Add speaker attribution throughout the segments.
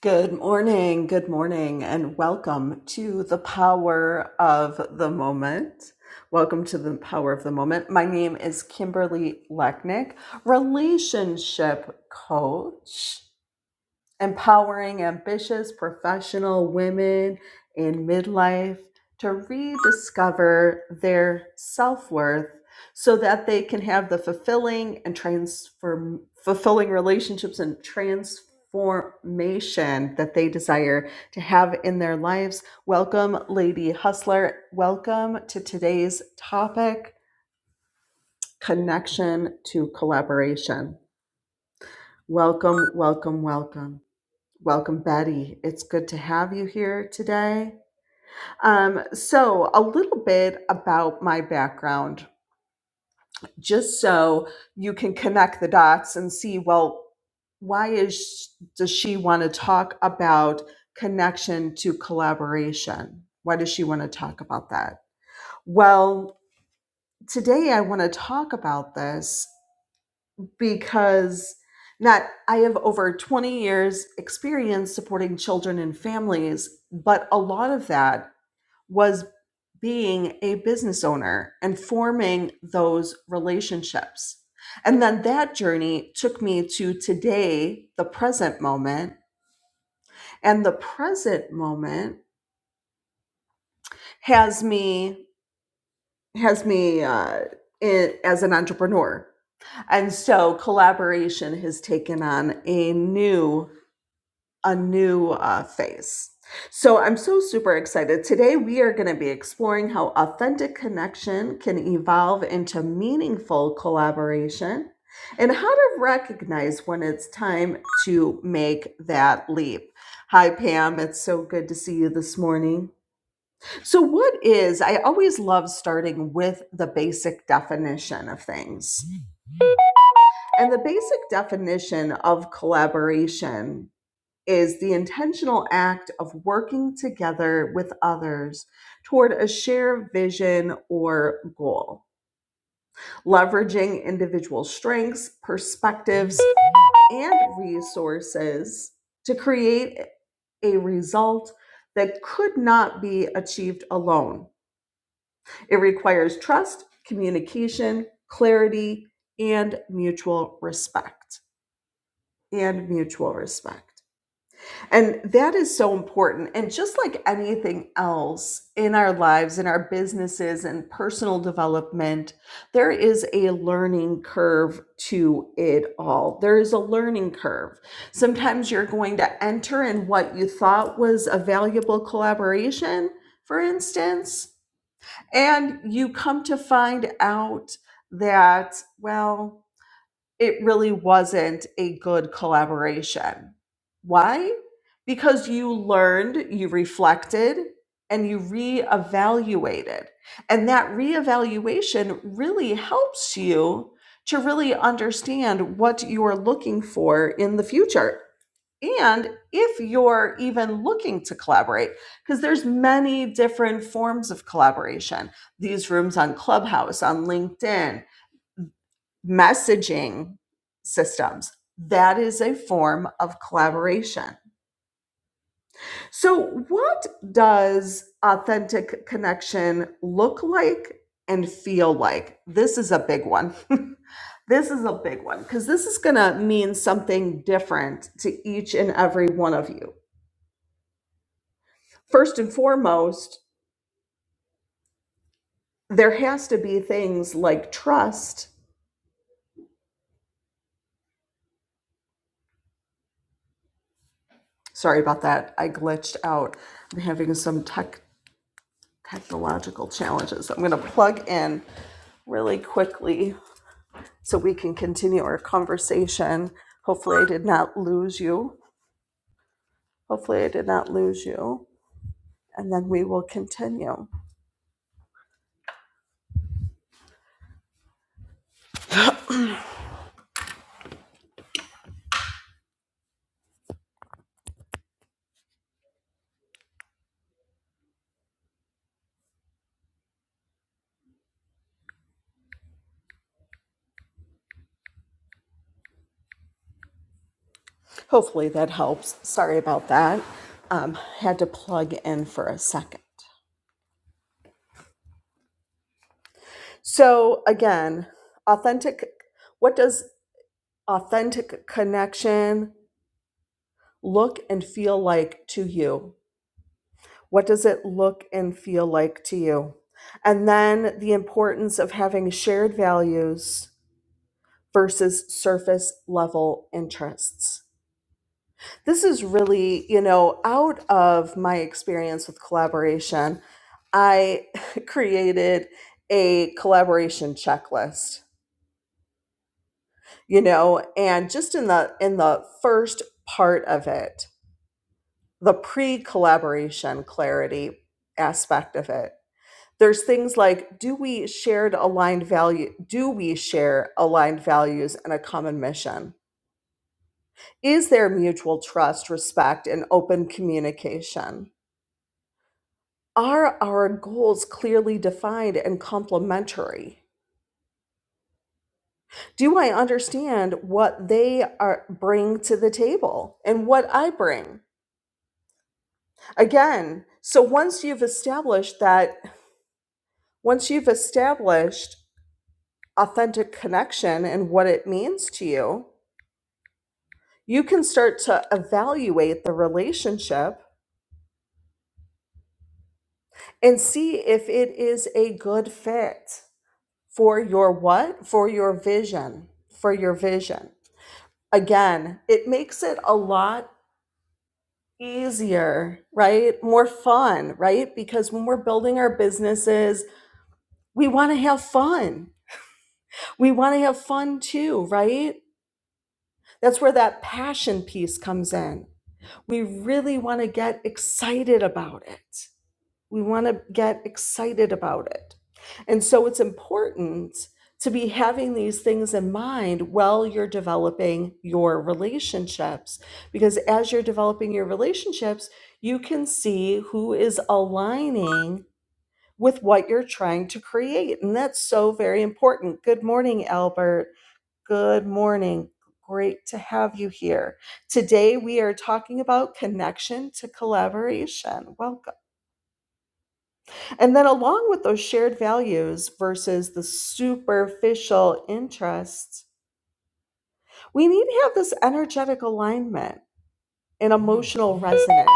Speaker 1: Good morning, good morning, and welcome to the power of the moment. Welcome to the power of the moment. My name is Kimberly Lechnick, relationship coach empowering ambitious professional women in midlife to rediscover their self worth so that they can have the fulfilling and transform fulfilling relationships and transformation that they desire to have in their lives. Welcome, Lady Hustler. Welcome to today's topic connection to collaboration. Welcome, welcome, welcome. Welcome, Betty. It's good to have you here today. Um, so, a little bit about my background, just so you can connect the dots and see well, why is does she want to talk about connection to collaboration? Why does she want to talk about that? Well, today I want to talk about this because not I have over 20 years experience supporting children and families, but a lot of that was being a business owner and forming those relationships. And then that journey took me to today, the present moment, and the present moment has me has me uh, in, as an entrepreneur. And so collaboration has taken on a new a new uh, phase. So I'm so super excited. Today, we are going to be exploring how authentic connection can evolve into meaningful collaboration and how to recognize when it's time to make that leap. Hi, Pam. It's so good to see you this morning. So, what is, I always love starting with the basic definition of things. And the basic definition of collaboration is the intentional act of working together with others toward a shared vision or goal, leveraging individual strengths, perspectives, and resources to create a result that could not be achieved alone. It requires trust, communication, clarity, and mutual respect. And mutual respect. And that is so important. And just like anything else in our lives, in our businesses and personal development, there is a learning curve to it all. There is a learning curve. Sometimes you're going to enter in what you thought was a valuable collaboration, for instance, and you come to find out that, well, it really wasn't a good collaboration. Why? Because you learned, you reflected, and you reevaluated. And that reevaluation really helps you to really understand what you're looking for in the future. And if you're even looking to collaborate, because there's many different forms of collaboration. These rooms on Clubhouse, on LinkedIn, messaging systems. That is a form of collaboration. So, what does authentic connection look like and feel like? This is a big one. this is a big one because this is going to mean something different to each and every one of you. First and foremost, there has to be things like trust. Sorry about that. I glitched out. I'm having some tech technological challenges. I'm going to plug in really quickly so we can continue our conversation. Hopefully, I did not lose you. Hopefully, I did not lose you. And then we will continue. Hopefully, that helps. Sorry about that. Um, had to plug in for a second. So, again, authentic what does authentic connection look and feel like to you? What does it look and feel like to you? And then the importance of having shared values versus surface level interests. This is really, you know, out of my experience with collaboration, I created a collaboration checklist, you know, and just in the in the first part of it, the pre-collaboration clarity aspect of it there's things like do we shared aligned value do we share aligned values and a common mission is there mutual trust respect and open communication are our goals clearly defined and complementary do i understand what they are bring to the table and what i bring again so once you've established that once you've established authentic connection and what it means to you you can start to evaluate the relationship and see if it is a good fit for your what for your vision for your vision again it makes it a lot easier right more fun right because when we're building our businesses we want to have fun we want to have fun too right that's where that passion piece comes in we really want to get excited about it We want to get excited about it. And so it's important to be having these things in mind while you're developing your relationships. Because as you're developing your relationships, you can see who is aligning with what you're trying to create. And that's so very important. Good morning, Albert. Good morning. Great to have you here. Today, we are talking about connection to collaboration. Welcome. And then along with those shared values versus the superficial interests, we need to have this energetic alignment and emotional resonance,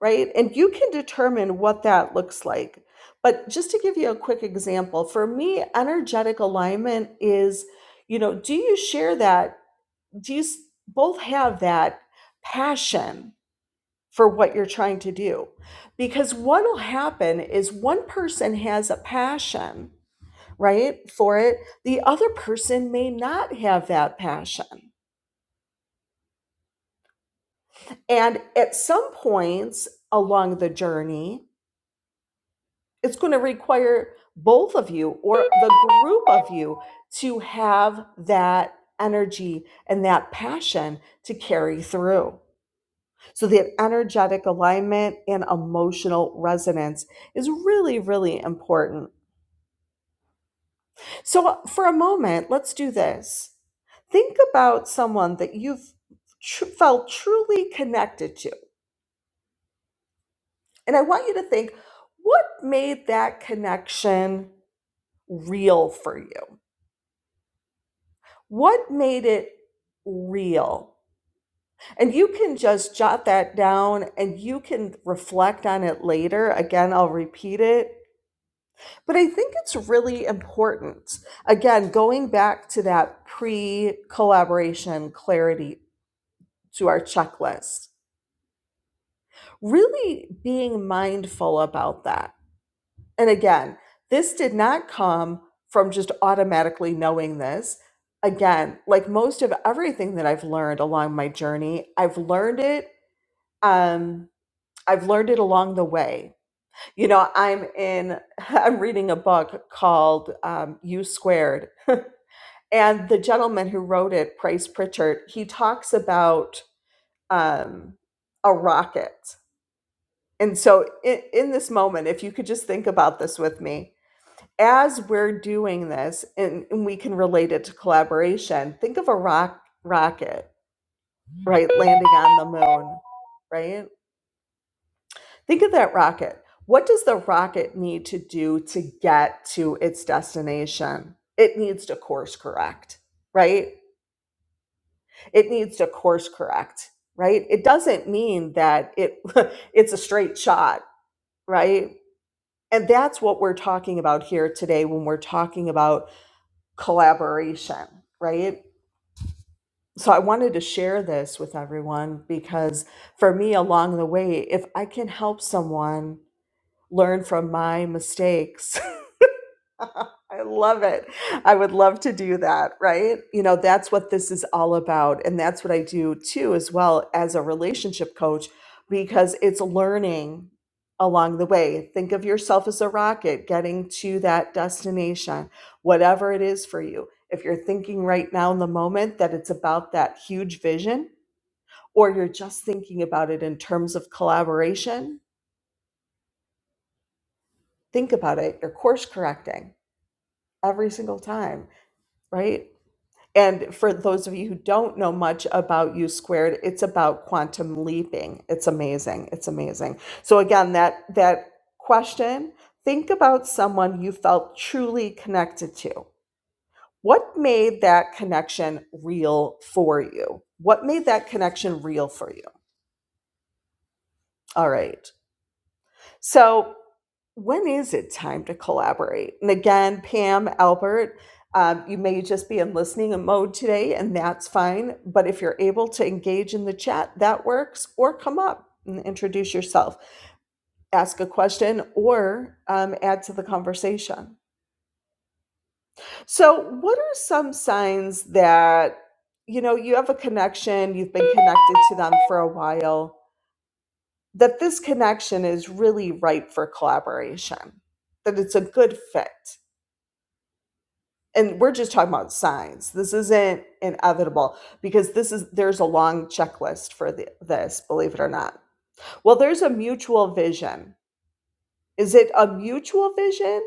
Speaker 1: right? And you can determine what that looks like. But just to give you a quick example, for me, energetic alignment is, you know, do you share that? Do you s- both have that passion for what you're trying to do? Because what will happen is one person has a passion right? For it. The other person may not have that passion. And at some points along the journey, it's going to require both of you or the group of you to have that energy and that passion to carry through. So, that energetic alignment and emotional resonance is really, really important. So, uh, for a moment, let's do this. Think about someone that you've tr- felt truly connected to. And I want you to think what made that connection real for you? What made it real? And you can just jot that down and you can reflect on it later. Again, I'll repeat it. But I think it's really important. Again, going back to that pre collaboration clarity to our checklist. Really being mindful about that. And again, this did not come from just automatically knowing this. Again, like most of everything that I've learned along my journey, I've learned it. Um, I've learned it along the way. You know, I'm in. I'm reading a book called um, "You Squared," and the gentleman who wrote it, Price Pritchard, he talks about um, a rocket And so, in, in this moment, if you could just think about this with me, as we're doing this, and, and we can relate it to collaboration, think of a rock rocket, right, landing on the moon, right? Think of that rocket. What does the rocket need to do to get to its destination? It needs to course correct, right? It needs to course correct, right? It doesn't mean that it it's a straight shot right? And that's what we're talking about here today when we're talking about collaboration, right? So I wanted to share this with everyone because for me, along the way, if I can help someone learn from my mistakes, I love it. I would love to do that, right? You know, that's what this is all about. And that's what I do too, as well as a relationship coach, because it's learning along the way. Think of yourself as a rocket getting to that destination, whatever it is for you. If you're thinking right now in the moment that it's about that huge vision, or you're just thinking about it in terms of collaboration, think about it. You're course correcting every single time, right? And for those of you who don't know much about U squared, it's about quantum leaping. It's amazing. It's amazing. So again, that that question, think about someone you felt truly connected to. What made that connection real for you? What made that connection real for you? All right. So, when is it time to collaborate? And again, Pam, Albert, um, you may just be in listening mode today, and that's fine. But if you're able to engage in the chat, that works, or come up and introduce yourself, ask a question, or um, add to the conversation. So, what are some signs that you know you have a connection, you've been connected to them for a while? that this connection is really ripe for collaboration, that it's a good fit. And we're just talking about signs. This isn't inevitable because this is there's a long checklist for the, this, believe it or not. Well, there's a mutual vision. Is it a mutual vision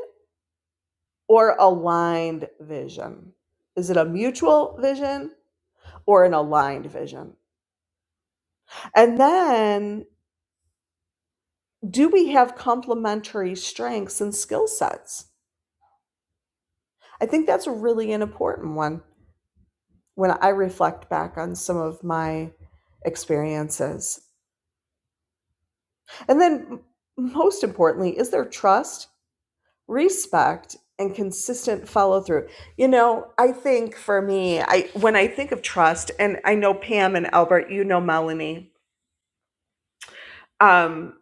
Speaker 1: or aligned vision? Is it a mutual vision or an aligned vision? And then do we have complementary strengths and skill sets? I think that's a really an important one when I reflect back on some of my experiences. And then, most importantly, is there trust, respect, and consistent follow through? You know, I think for me, I when I think of trust, and I know Pam and Albert, you know Melanie. Um,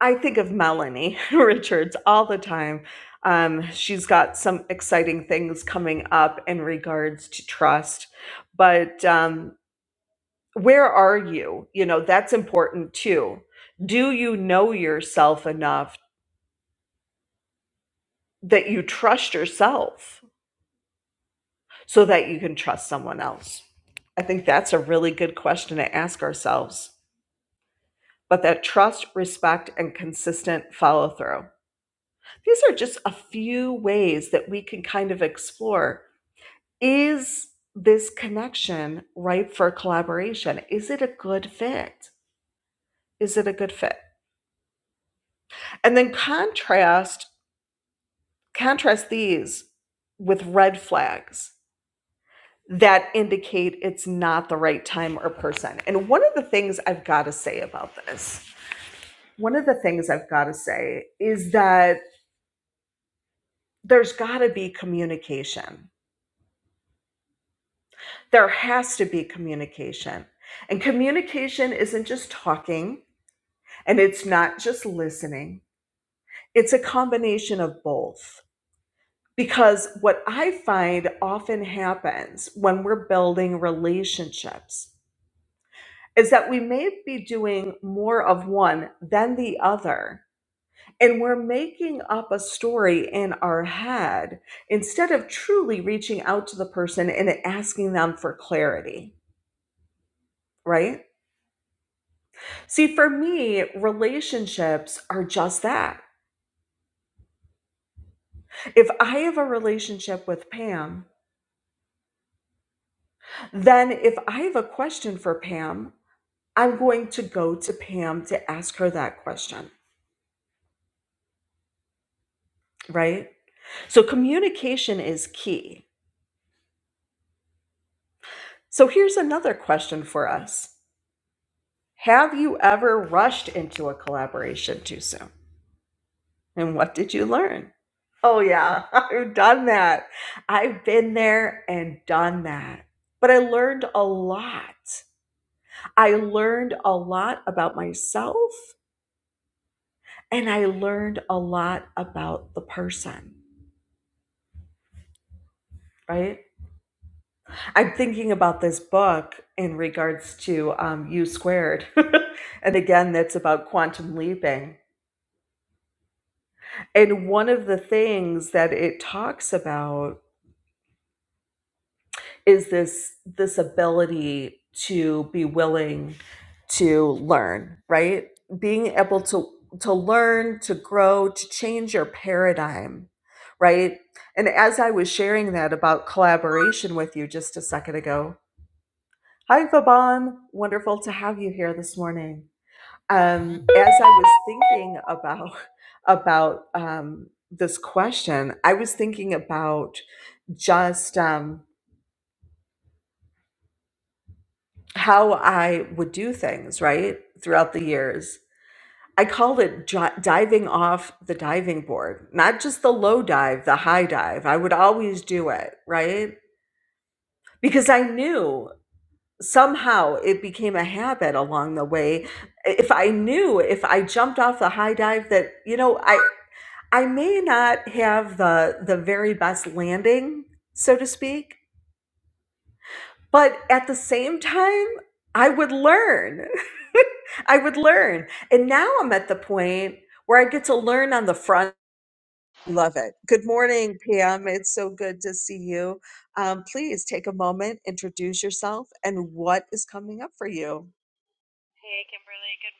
Speaker 1: I think of Melanie Richards all the time. Um, she's got some exciting things coming up in regards to trust but um, where are you you know that's important too do you know yourself enough that you trust yourself so that you can trust someone else i think that's a really good question to ask ourselves but that trust respect and consistent follow through these are just a few ways that we can kind of explore is this connection ripe for collaboration is it a good fit is it a good fit and then contrast Contrast these with red flags that indicate it's not the right time or person. And one of the things I've got to say about this, one of the things I've got to say is that there's got to be communication. There has to be communication. And communication isn't just talking and it's not just listening, it's a combination of both. Because what I find often happens when we're building relationships is that we may be doing more of one than the other. And we're making up a story in our head instead of truly reaching out to the person and asking them for clarity, right? See, for me, relationships are just that. If I have a relationship with Pam, then if I have a question for Pam, I'm going to go to Pam to ask her that question, right? So communication is key So here's another question for us Have you ever rushed into a collaboration too soon? And what did you learn? Oh, yeah, I've done that. I've been there and done that. But I learned a lot. I learned a lot about myself and I learned a lot about the person, right? I'm thinking about this book in regards to um, U squared. and again, that's about quantum leaping and one of the things that it talks about is this this ability to be willing to learn right being able to to learn to grow to change your paradigm right and as i was sharing that about collaboration with you just a second ago hi vaban wonderful to have you here this morning um, as I was thinking about about um, this question, I was thinking about just um, how I would do things right throughout the years. I called it dri- diving off the diving board, not just the low dive, the high dive. I would always do it right because I knew somehow it became a habit along the way if I knew if I jumped off the high dive that you know I I may not have the the very best landing, so to speak, but at the same time, I would learn. I would learn. And now I'm at the point where I get to learn on the front. Love it. Good morning, Pam. It's so good to see you. Um, please take a moment, introduce yourself, and what is coming up for you.
Speaker 2: Hey, Kimberly, good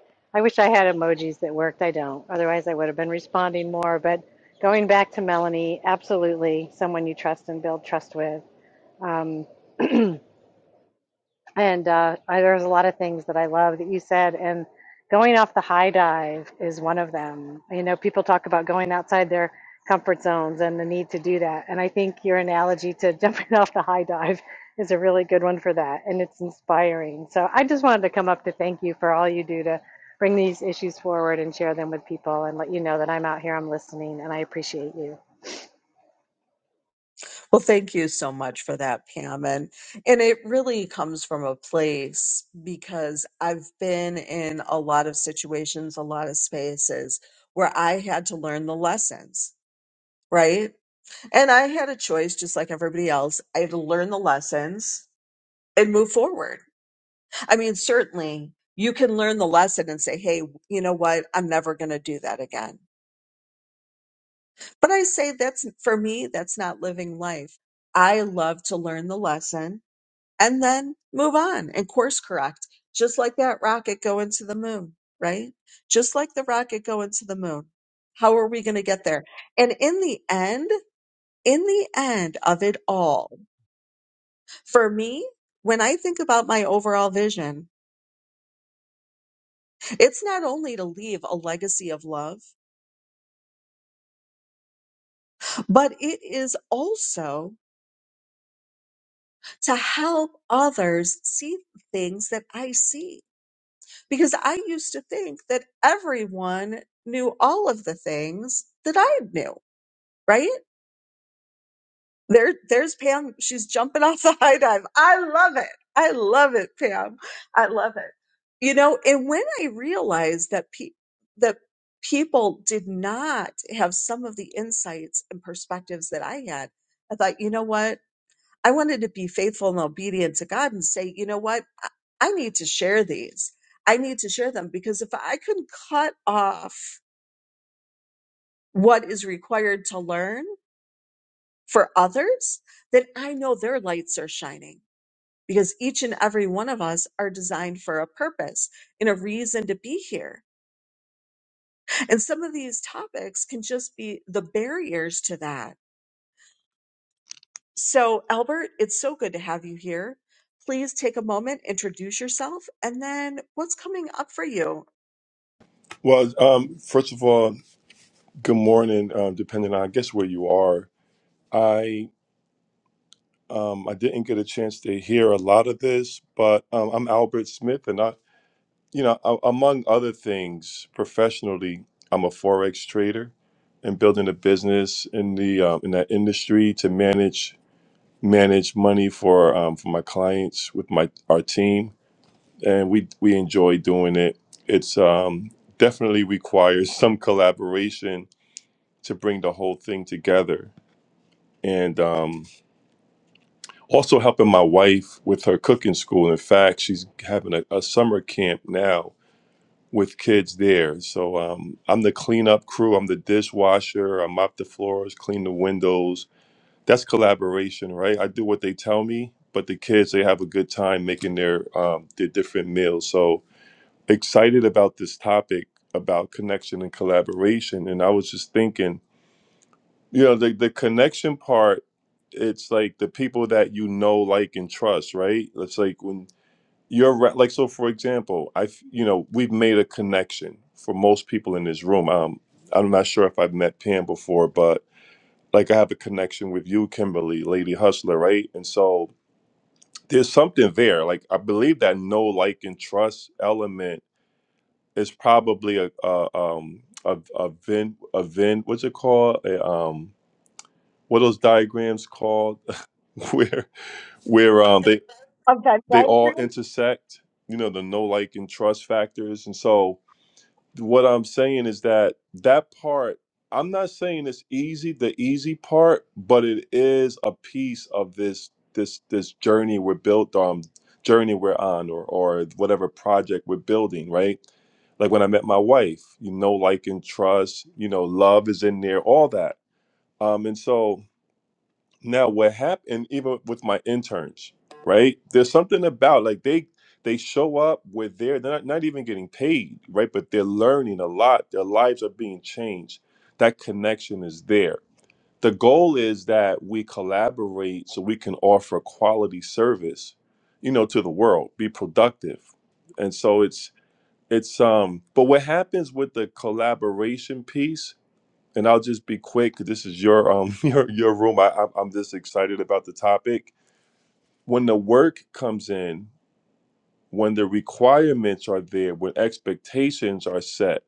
Speaker 2: morning. I wish I had emojis that worked. I don't. Otherwise, I would have been responding more. But going back to Melanie, absolutely someone you trust and build trust with. Um, and uh, I, there's a lot of things that I love that you said, and going off the high dive is one of them. You know, people talk about going outside their comfort zones and the need to do that. And I think your analogy to jumping off the high dive is a really good one for that, and it's inspiring. So I just wanted to come up to thank you for all you do to bring these issues forward and share them with people and let you know that I'm out here, I'm listening, and I appreciate you.
Speaker 1: Well, thank you so much for that, Pam. And, and it really comes from a place because I've been in a lot of situations, a lot of spaces where I had to learn the lessons, right? And I had a choice, just like everybody else. I had to learn the lessons and move forward. I mean, certainly you can learn the lesson and say, Hey, you know what? I'm never going to do that again. But I say that's for me, that's not living life. I love to learn the lesson and then move on and course correct, just like that rocket going to the moon, right? Just like the rocket going to the moon. How are we going to get there? And in the end, in the end of it all, for me, when I think about my overall vision, it's not only to leave a legacy of love, but it is also to help others see things that I see because I used to think that everyone knew all of the things that I knew, right? There, there's Pam. She's jumping off the high dive. I love it. I love it, Pam. I love it. You know, and when I realized that pe- that people did not have some of the insights and perspectives that I had, I thought, you know what? I wanted to be faithful and obedient to God and say, you know what? I I need to share these. I need to share them because if I can cut off what is required to learn for others, then I know their lights are shining because each and every one of us are designed for a purpose and a reason to be here. And some of these topics can just be the barriers to that So, Albert, it's so good to have you here. Please take a moment, introduce yourself, and then what's coming up for you?
Speaker 3: Well, um, first of all, good morning. Uh, depending on, I guess, where you are, I um, I didn't get a chance to hear a lot of this, but um, I'm Albert Smith, and I, you know, a- among other things, professionally, I'm a forex trader, and building a business in the um, in that industry to manage manage money for um, for my clients with my our team, and we we enjoy doing it. It's um, definitely requires some collaboration to bring the whole thing together and um, also helping my wife with her cooking school in fact she's having a, a summer camp now with kids there so um, i'm the cleanup crew i'm the dishwasher i mop the floors clean the windows that's collaboration right i do what they tell me but the kids they have a good time making their um, their different meals so excited about this topic about connection and collaboration and i was just thinking you know the, the connection part it's like the people that you know like and trust right it's like when you're re- like so for example i have you know we've made a connection for most people in this room um i'm not sure if i've met pam before but like i have a connection with you kimberly lady hustler right and so there's something there like i believe that know like and trust element is probably a, a um a, a vin a vin what's it called a, um what are those diagrams called where where um they
Speaker 1: Okay, did
Speaker 3: they
Speaker 1: I
Speaker 3: all
Speaker 1: hear-
Speaker 3: intersect you know the no like and trust factors and so what i'm saying is that that part i'm not saying it's easy the easy part but it is a piece of this this this journey we're built on journey we're on or or whatever project we're building right like when i met my wife you know like and trust you know love is in there all that um and so now, what happened even with my interns, right? There's something about like they they show up, we're there, they're not, not even getting paid, right? But they're learning a lot. Their lives are being changed. That connection is there. The goal is that we collaborate so we can offer quality service, you know, to the world, be productive. And so it's it's um but what happens with the collaboration piece and I'll just be quick. 'cause This is your um your your room. I I'm I'm just excited about the topic. When the work comes in, when the requirements are there, when expectations are set,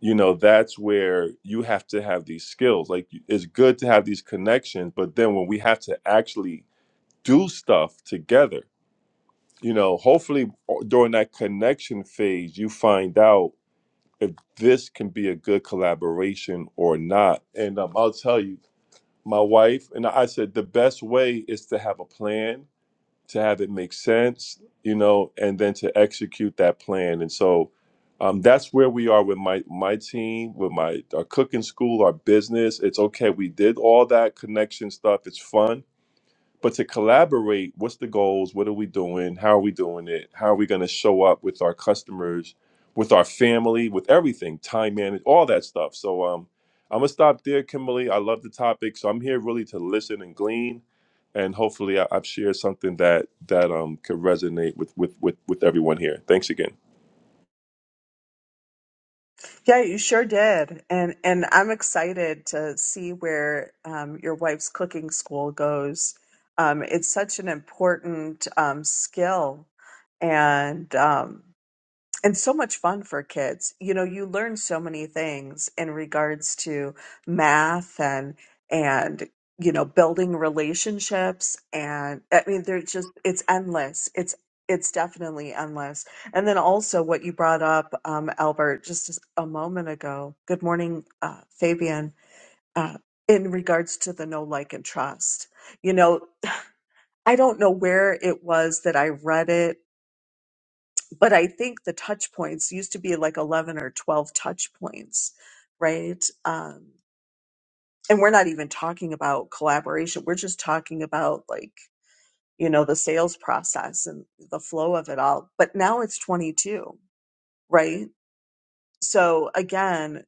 Speaker 3: you know that's where you have to have these skills. Like you- it's good to have these connections, but then when we have to actually do stuff together, you know, hopefully uh, during that connection phase, you find out if this can be a good collaboration or not. And um, I'll tell you my wife and I said the best way is to have a plan, to have it make sense, you know, and then to execute that plan. And so um, that's where we are with my my team, with my our cooking school, our business. It's okay. We did all that connection stuff. It's fun but to collaborate what's the goals what are we doing how are we doing it how are we going to show up with our customers with our family with everything time management all that stuff so um i'm gonna stop there kimberly i love the topic so i'm here really to listen and glean and hopefully I, i've shared something that that um could resonate with with with with everyone here thanks again
Speaker 1: Yeah, you sure did, and and I'm excited to see where um, your wife's cooking school goes. Um, it's such an important um, skill, and um, and so much fun for kids. You know, you learn so many things in regards to math and and you know building relationships and I mean they're just it's endless. It's it's definitely endless. And then also what you brought up, um, Albert, just a moment ago. Good morning, uh, Fabian. Uh, in regards to the no like and trust, you know, I don't know where it was that I read it but I think the touch points used to be like 11 or 12 touch points, right? Um, and we're not even talking about collaboration. We're just talking about like, you know, the sales process and the flow of it all. But now it's 22, right? So again,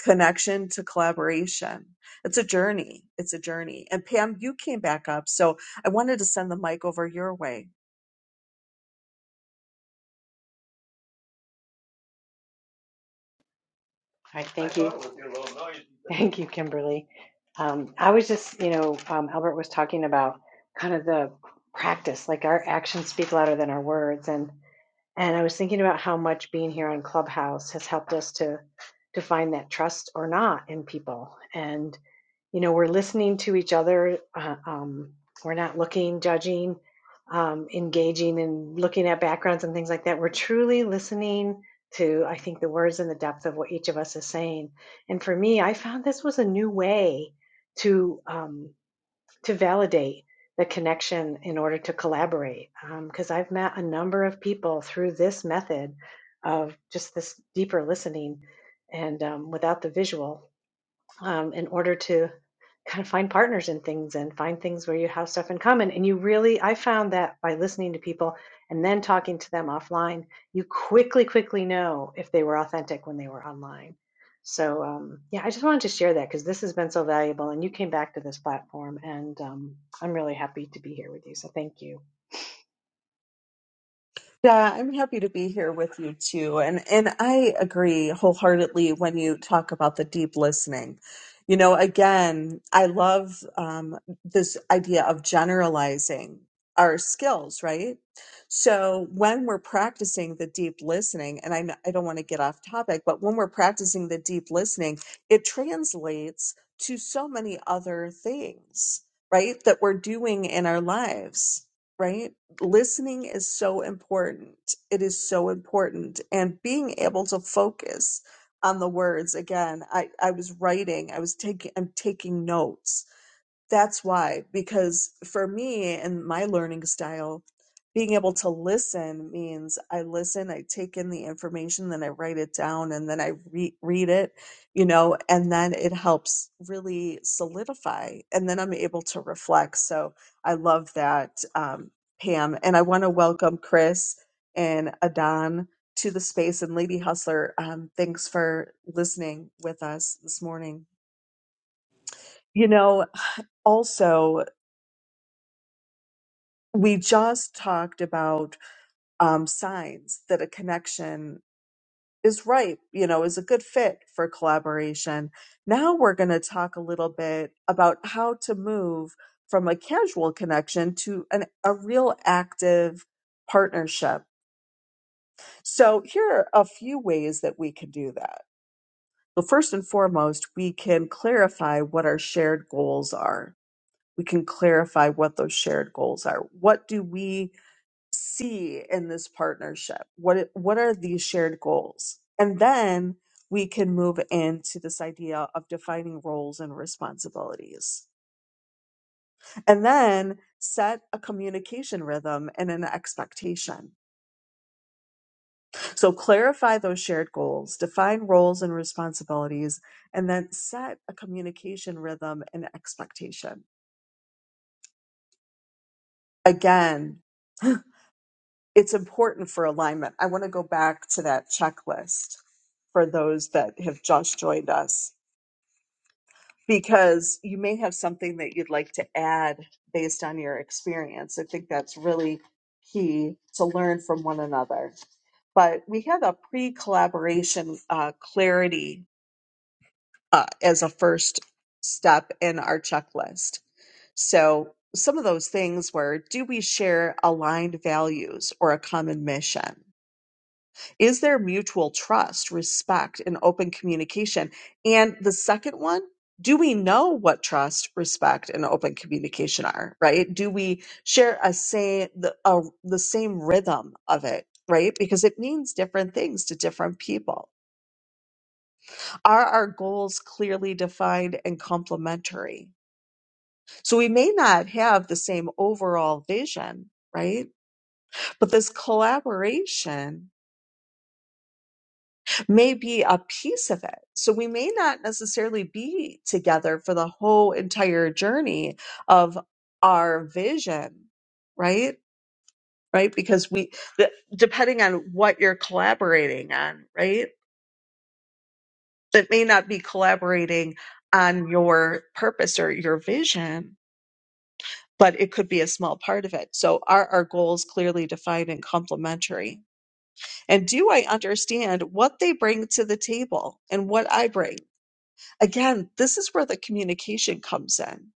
Speaker 1: connection to collaboration. It's a journey. It's a journey. And Pam, you came back up. So I wanted to send the mic over your way.
Speaker 2: All right, thank you. Thank you, Kimberly. Um, I was just, you know, um, Albert was talking about kind of the practice, like our actions speak louder than our words. and. And I was thinking about how much being here on Clubhouse has helped us to to find that trust or not in people. And you know, we're listening to each other. Uh, um, we're not looking, judging, um, engaging, and looking at backgrounds and things like that. We're truly listening to, I think, the words and the depth of what each of us is saying. And for me, I found this was a new way to. Um, to validate the connection in order to collaborate. Because um, I've met a number of people through this method of just this deeper listening and um, without the visual um, in order to kind of find partners in things and find things where you have stuff in common. And you really, I found that by listening to people and then talking to them offline, you quickly, quickly know if they were authentic when they were online. So, um, yeah, I just wanted to share that because this has been so valuable and you came back to this platform and um, I'm really happy to be here with you. So, thank you.
Speaker 1: Yeah, I'm happy to be here with you too. And and I agree wholeheartedly when you talk about the deep listening. You know, again, I love um, this idea of generalizing our skills, right? So when we're practicing the deep listening, and I, kn- I don't want to get off topic, but when we're practicing the deep listening, it translates to so many other things, right? That we're doing in our lives, right? listening is so important. It is so important. And being able to focus on the words again. I, I was writing, I was taking I'm taking notes that's why because for me and my learning style being able to listen means i listen i take in the information then i write it down and then i re- read it you know and then it helps really solidify and then i'm able to reflect so i love that um, pam and i want to welcome chris and adan to the space and lady hustler um, thanks for listening with us this morning you know also we just talked about um, signs that a connection is right, you know, is a good fit for collaboration. Now we're going to talk a little bit about how to move from a casual connection to an, a real active partnership. So here are a few ways that we can do that. Well, first and foremost, we can clarify what our shared goals are. We can clarify what those shared goals are. What do we see in this partnership? What it- what are these shared goals? And then we can move into this idea of defining roles and responsibilities. And then set a communication rhythm and an expectation. So clarify those shared goals, define roles and responsibilities, and then set a communication rhythm and expectation. Again, it's important for alignment. I want to go back to that checklist for those that have just joined us because you may have something that you'd like to add based on your experience. I think that's really key to learn from one another. But we had a pre collaboration uh, clarity uh, as a first step in our checklist. So some of those things were do we share aligned values or a common mission? Is there mutual trust, respect, and open communication? And the second one, do we know what trust, respect, and open communication are? Right? Do we share a say the a, the same rhythm of it? Right? Because it means different things to different people. Are our goals clearly defined and complementary? So we may not have the same overall vision, right? But this collaboration may be a piece of it. So we may not necessarily be together for the whole entire journey of our vision, right? Right? Because we, the- depending on what you're collaborating on, right? That may not be collaborating on your purpose or your vision, but it could be a small part of it. So are our goals clearly defined and complementary? And do I understand what they bring to the table and what I bring? Again, this is where the communication comes in.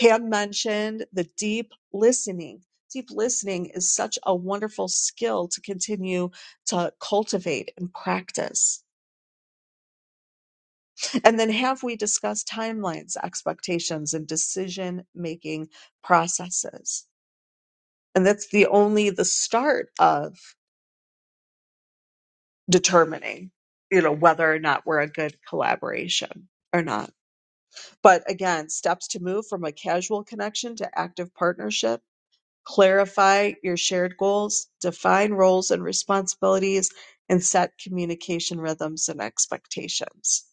Speaker 1: Pam mentioned the deep listening. Deep listening is such a wonderful skill to continue to cultivate and practice. And then have we discussed timelines, expectations, and decision making processes? And that's the only the start of determining, you know, whether or not we're a good collaboration or not. But again, steps to move from a casual connection to active partnership Clarify your shared goals, define roles and responsibilities, and set communication rhythms and expectations.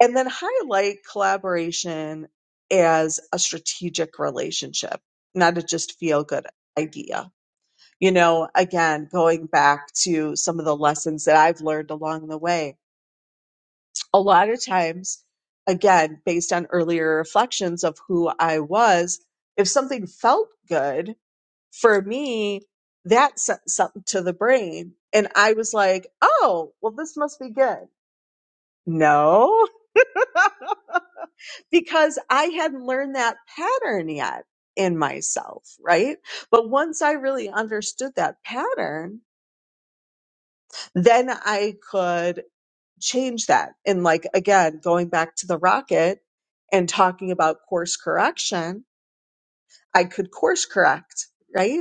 Speaker 1: And then highlight collaboration as a strategic relationship, not a just feel good idea. You know, again, going back to some of the lessons that I've learned along the way, a lot of times, again, based on earlier reflections of who I was, if something felt good, for me, that sent something to the brain. And I was like, oh, well, this must be good. No, because I hadn't learned that pattern yet in myself, right? But once I really understood that pattern, then I could change that. And like, again, going back to the rocket and talking about course correction, I could course correct, right?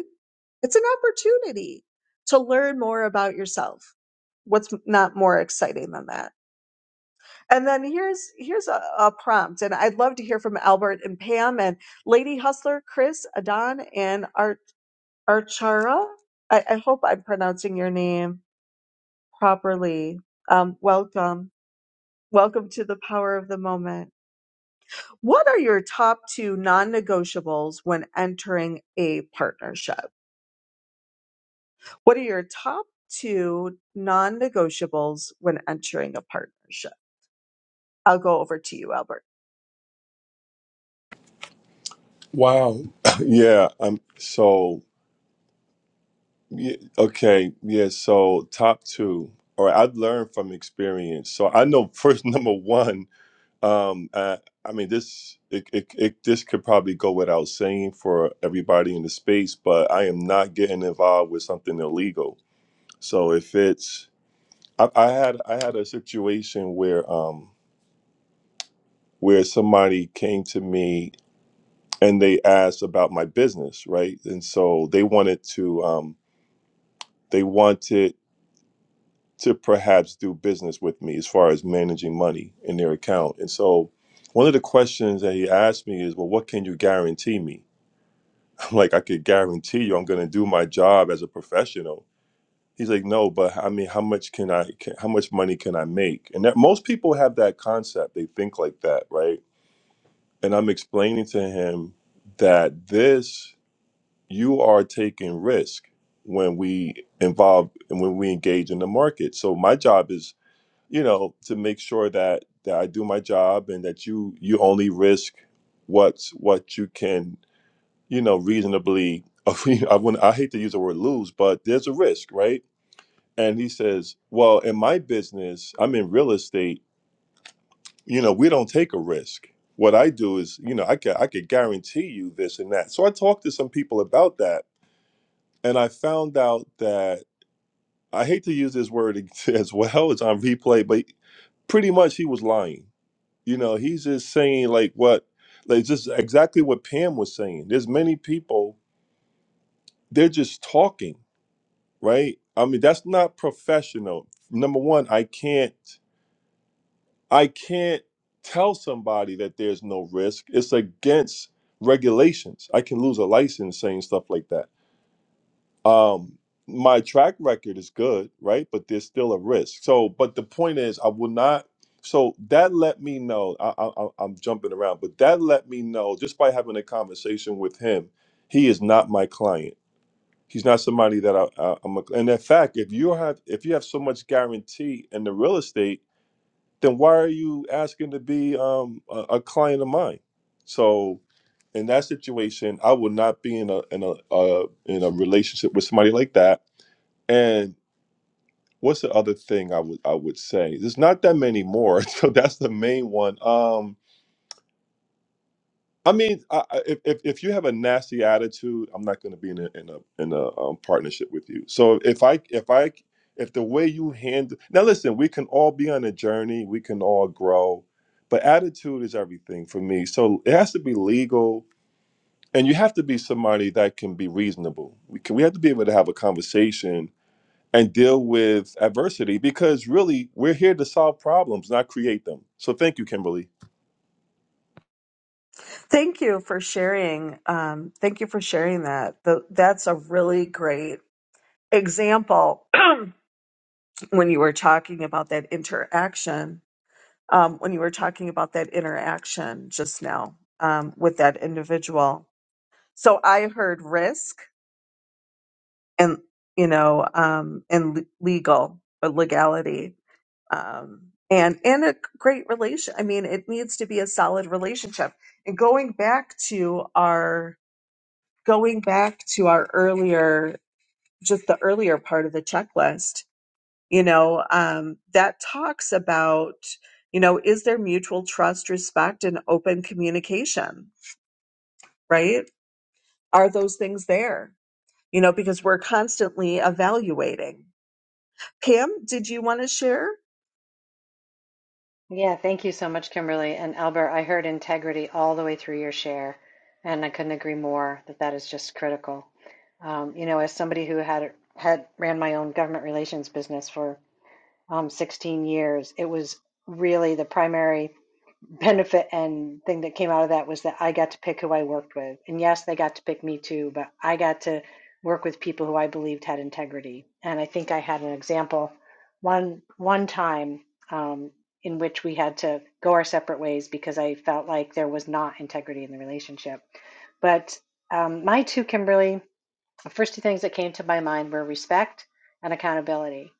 Speaker 1: It's an opportunity to learn more about yourself. What's not more exciting than that? And then here's here's a, a prompt, and I'd love to hear from Albert and Pam and Lady Hustler, Chris, Adon, and Ar- Archara. I, I hope I'm pronouncing your name properly. Um, welcome, welcome to the power of the moment. What are your top two non-negotiables when entering a partnership? What are your top two non negotiables when entering a partnership? I'll go over to you, Albert.
Speaker 3: Wow. yeah um so yeah, okay yeah so top two all right i've learned from experience so i know first number one Um, uh, I mean, this it, it, it this could probably go without saying for everybody in the space, but I am not getting involved with something illegal. So if it's, I, I had I had a situation where um where somebody came to me and they asked about my business, right? And so they wanted to um they wanted to perhaps do business with me as far as managing money in their account. And so one of the questions that he asked me is, well, what can you guarantee me? like I could guarantee you I'm going to do my job as a professional. He's like, no, but I mean, how much can I, can, how much money can I make? And that most people have that concept. They think like that, right? And I'm explaining to him that this, you are taking risk when we involve and when we engage in the market. So my job is, you know, to make sure that that I do my job and that you you only risk what's what you can you know, reasonably. I wouldn't. I hate to use the word lose, but there's a risk, right? And he says, "Well, in my business, I'm in real estate. You know, we don't take a risk. What I do is, you know, I can I could guarantee you this and that." So I talked to some people about that, and I found out that I hate to use this word as well. It's on replay, but pretty much he was lying. You know, he's just saying like what, like just exactly what Pam was saying. There's many people. They're just talking right? I mean, that's not professional. Number one, I can't I can't tell somebody that there's no risk. It's against regulations. I can lose a license saying stuff like that. Um my track record is good, right? But there's still a risk. So, but the point is, I will not. So that let me know. I, I, I- I'm jumping around, but that let me know just by having a conversation with him, he is not my client He's not somebody that I, I, I'm. A, and in fact, if you have if you have so much guarantee in the real estate, then why are you asking to be um, a, a client of mine? So, in that situation, I would not be in a in a uh, in a relationship with somebody like that. And what's the other thing I would I would say? There's not that many more, so that's the main one. Um, I mean, I, I- if, if if you have a nasty attitude, I'm not going to be in a in a in a um, partnership with you. So if I if I if the way you handle now, listen, we can all be on a journey. We can all grow, but attitude is everything for me. So it has to be legal, and you have to be somebody that can be reasonable. We can we have to be able to have a conversation and deal with adversity because really we're here to solve problems, not create them. So thank you, Kimberly.
Speaker 1: Thank you for sharing. Um, thank you for sharing that. Tho- that's a really great example when you were talking about that interaction, um, when you were talking about that interaction just now um, with that individual. So I heard risk and, you know, um, and le- legal or legality um, and and a great relation. I mean, it needs to be a solid relationship. And going back to our going back to our earlier, just the earlier part of the checklist, you know, um, that talks about you know is there mutual trust, respect, and open communication, right? Are those things there? You know, because we're constantly evaluating. Pam, did you want to share?
Speaker 2: Yeah, thank you so much, Kimberly. And Albert, I heard integrity all the way through your share, and I couldn't agree more that that is just critical. Um, you know, as somebody who had had ran my own government relations business for um, 16 years, it was really the primary benefit and thing that came out of that was that I got to pick who I worked with. And yes, they got to pick me too, but I got to work with people who I believed had integrity. And I think I had an example one one time um, in which we had to go our separate ways because I felt like there was not integrity in the relationship. But um, my two Kimberly, the first two things that came to my mind were respect and accountability.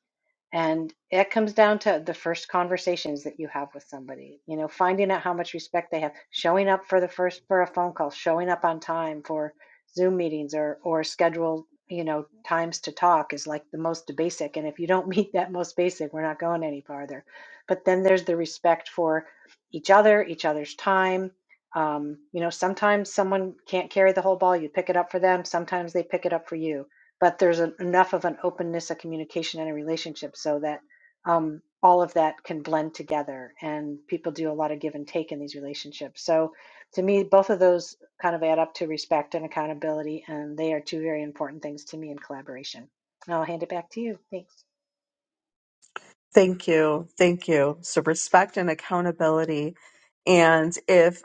Speaker 2: And it comes down to the first conversations that you have with somebody, you know, finding out how much respect they have, showing up for the first for a phone call, showing up on time for Zoom meetings or or scheduled, you know, times to talk is like the most basic. And if you don't meet that most basic, we're not going any farther. But then there's the respect for each other, each other's time. Um, you know, sometimes someone can't carry the whole ball, you pick it up for them, sometimes they pick it up for you but there's en- enough of an openness, a communication, and a relationship so that um, all of that can blend together. And people do a lot of give and take in these relationships. So to me, both of those kind of add up to respect and accountability, and they are two very important things to me in collaboration. I'll hand it back to you. Thanks.
Speaker 1: Thank you. Thank you. So respect and accountability. And if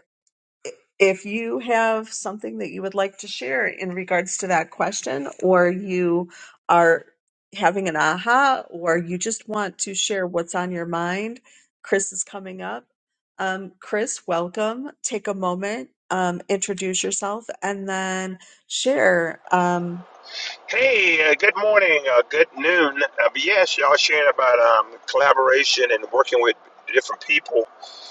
Speaker 1: if you have something that you would like to share in regards to that question or you are having an aha or you just want to share what's on your mind, Chris is coming up. Um, Chris, welcome. Take a moment, um, introduce yourself, and then share. Um,
Speaker 4: Hey, uh, good morning, uh, good noon. Uh, but yes, y'all sharing about um, collaboration and working with different people.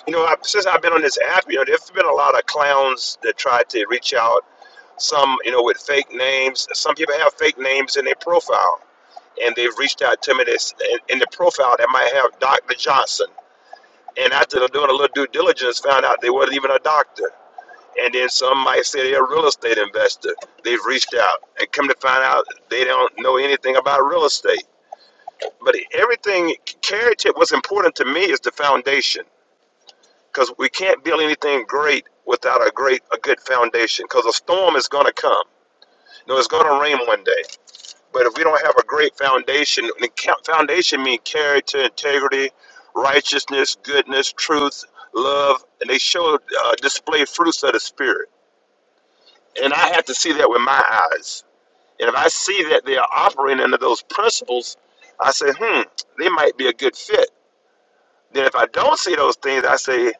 Speaker 4: You know, I, since I've been on this app, you know, there's been a lot of clowns that try to reach out. Some, you know, with fake names. Some people have fake names in their profile, and they've reached out to me. This in, in the profile that might have Doctor Johnson, and after doing a little due diligence, found out they wasn't even a doctor. And then some might say they're a real estate investor. They've reached out and come to find out they don't know anything about real estate. But everything, carriage, what's important to me is the foundation because we can't build anything great without a great, a good foundation because a storm is going to come. No, it's going to rain one day. But if we don't have a great foundation, and foundation means character, integrity, righteousness, goodness, truth, love, and they show uh, display fruits of the spirit And I have to see that with my eyes. And if I see that they are operating under those principles, I say, hmm, they might be a good fit. Then if I don't see those things, I say,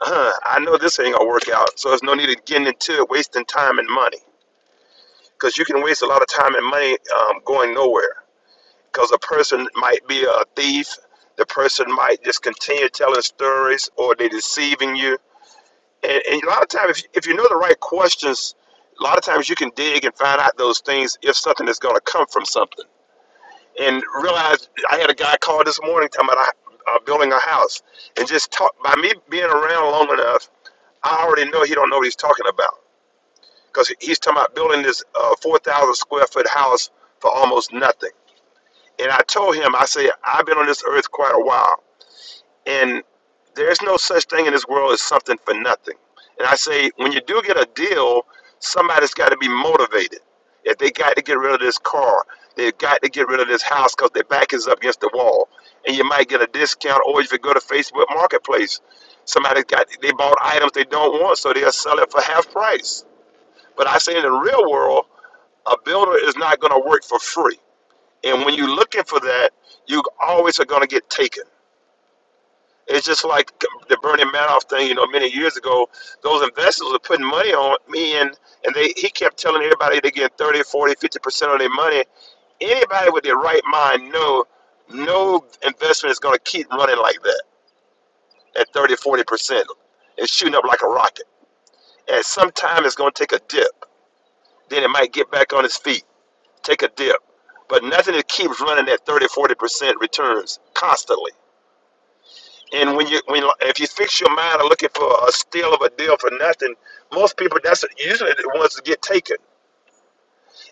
Speaker 4: huh, I know this ain't gonna work out. So there's no need of getting into it, wasting time and money. Because you can waste a lot of time and money um, going nowhere. Because a person might be a thief. The person might just continue telling stories or they're deceiving you And, and a lot of times, if, if you know the right questions, a lot of times you can dig and find out those things if something is going to come from something. And realize I had a guy call this morning talking about uh, building a house, and just talk by me being around long enough, I already know he don't know what he's talking about because he's talking about building this uh, four thousand square foot house for almost nothing. And I told him, I said, I've been on this earth quite a while. And there's no such thing in this world as something for nothing. And I say, when you do get a deal, somebody's got to be motivated. If they got to get rid of this car, they've got to get rid of this house because their back is up against the wall. And you might get a discount, or if you go to Facebook Marketplace, somebody got they bought items they don't want, so they'll sell it for half price. But I say in the real world, a builder is not going to work for free. And when you're looking for that, you always are going to get taken. It's just like the Bernie Madoff thing, you know, many years ago. Those investors were putting money on me, and, and they he kept telling everybody they get thirty, forty, fifty percent of their money. Anybody with their right mind know no investment is going to keep running like that at thirty, forty percent It's shooting up like a rocket. And sometime it's going to take a dip. Then it might get back on its feet, take a dip. But nothing that keeps running at thirty, forty percent returns constantly. And when you when if you fix your mind on looking for a steal of a deal for nothing, most people that's usually the ones that get taken.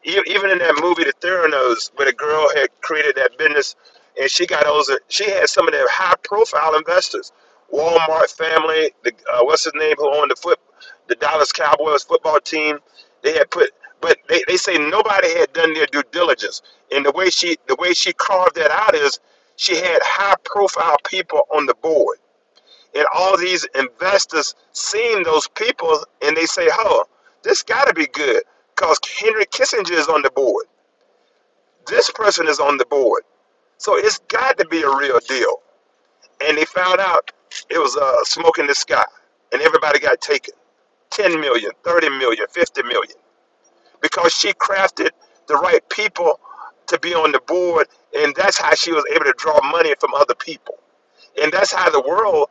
Speaker 4: E- Even in that movie, The Theranos, where the girl had created that business, and she got those. She had some of the high profile investors, Walmart family. The uh, what's his name who owned the foot, the Dallas Cowboys football team. They had put, but they, they say nobody had done their due diligence. And the way she the way she carved that out is she had high profile people on the board and all these investors seeing those people and they say, oh, this got to be good because Henry Kissinger is on the board. This person is on the board. So it's got to be a real deal. And they found out it was uh, smoke in the sky. And everybody got taken ten million, thirty million, fifty million, Because she crafted the right people to be on the board. And that's how she was able to draw money from other people. and that's how the world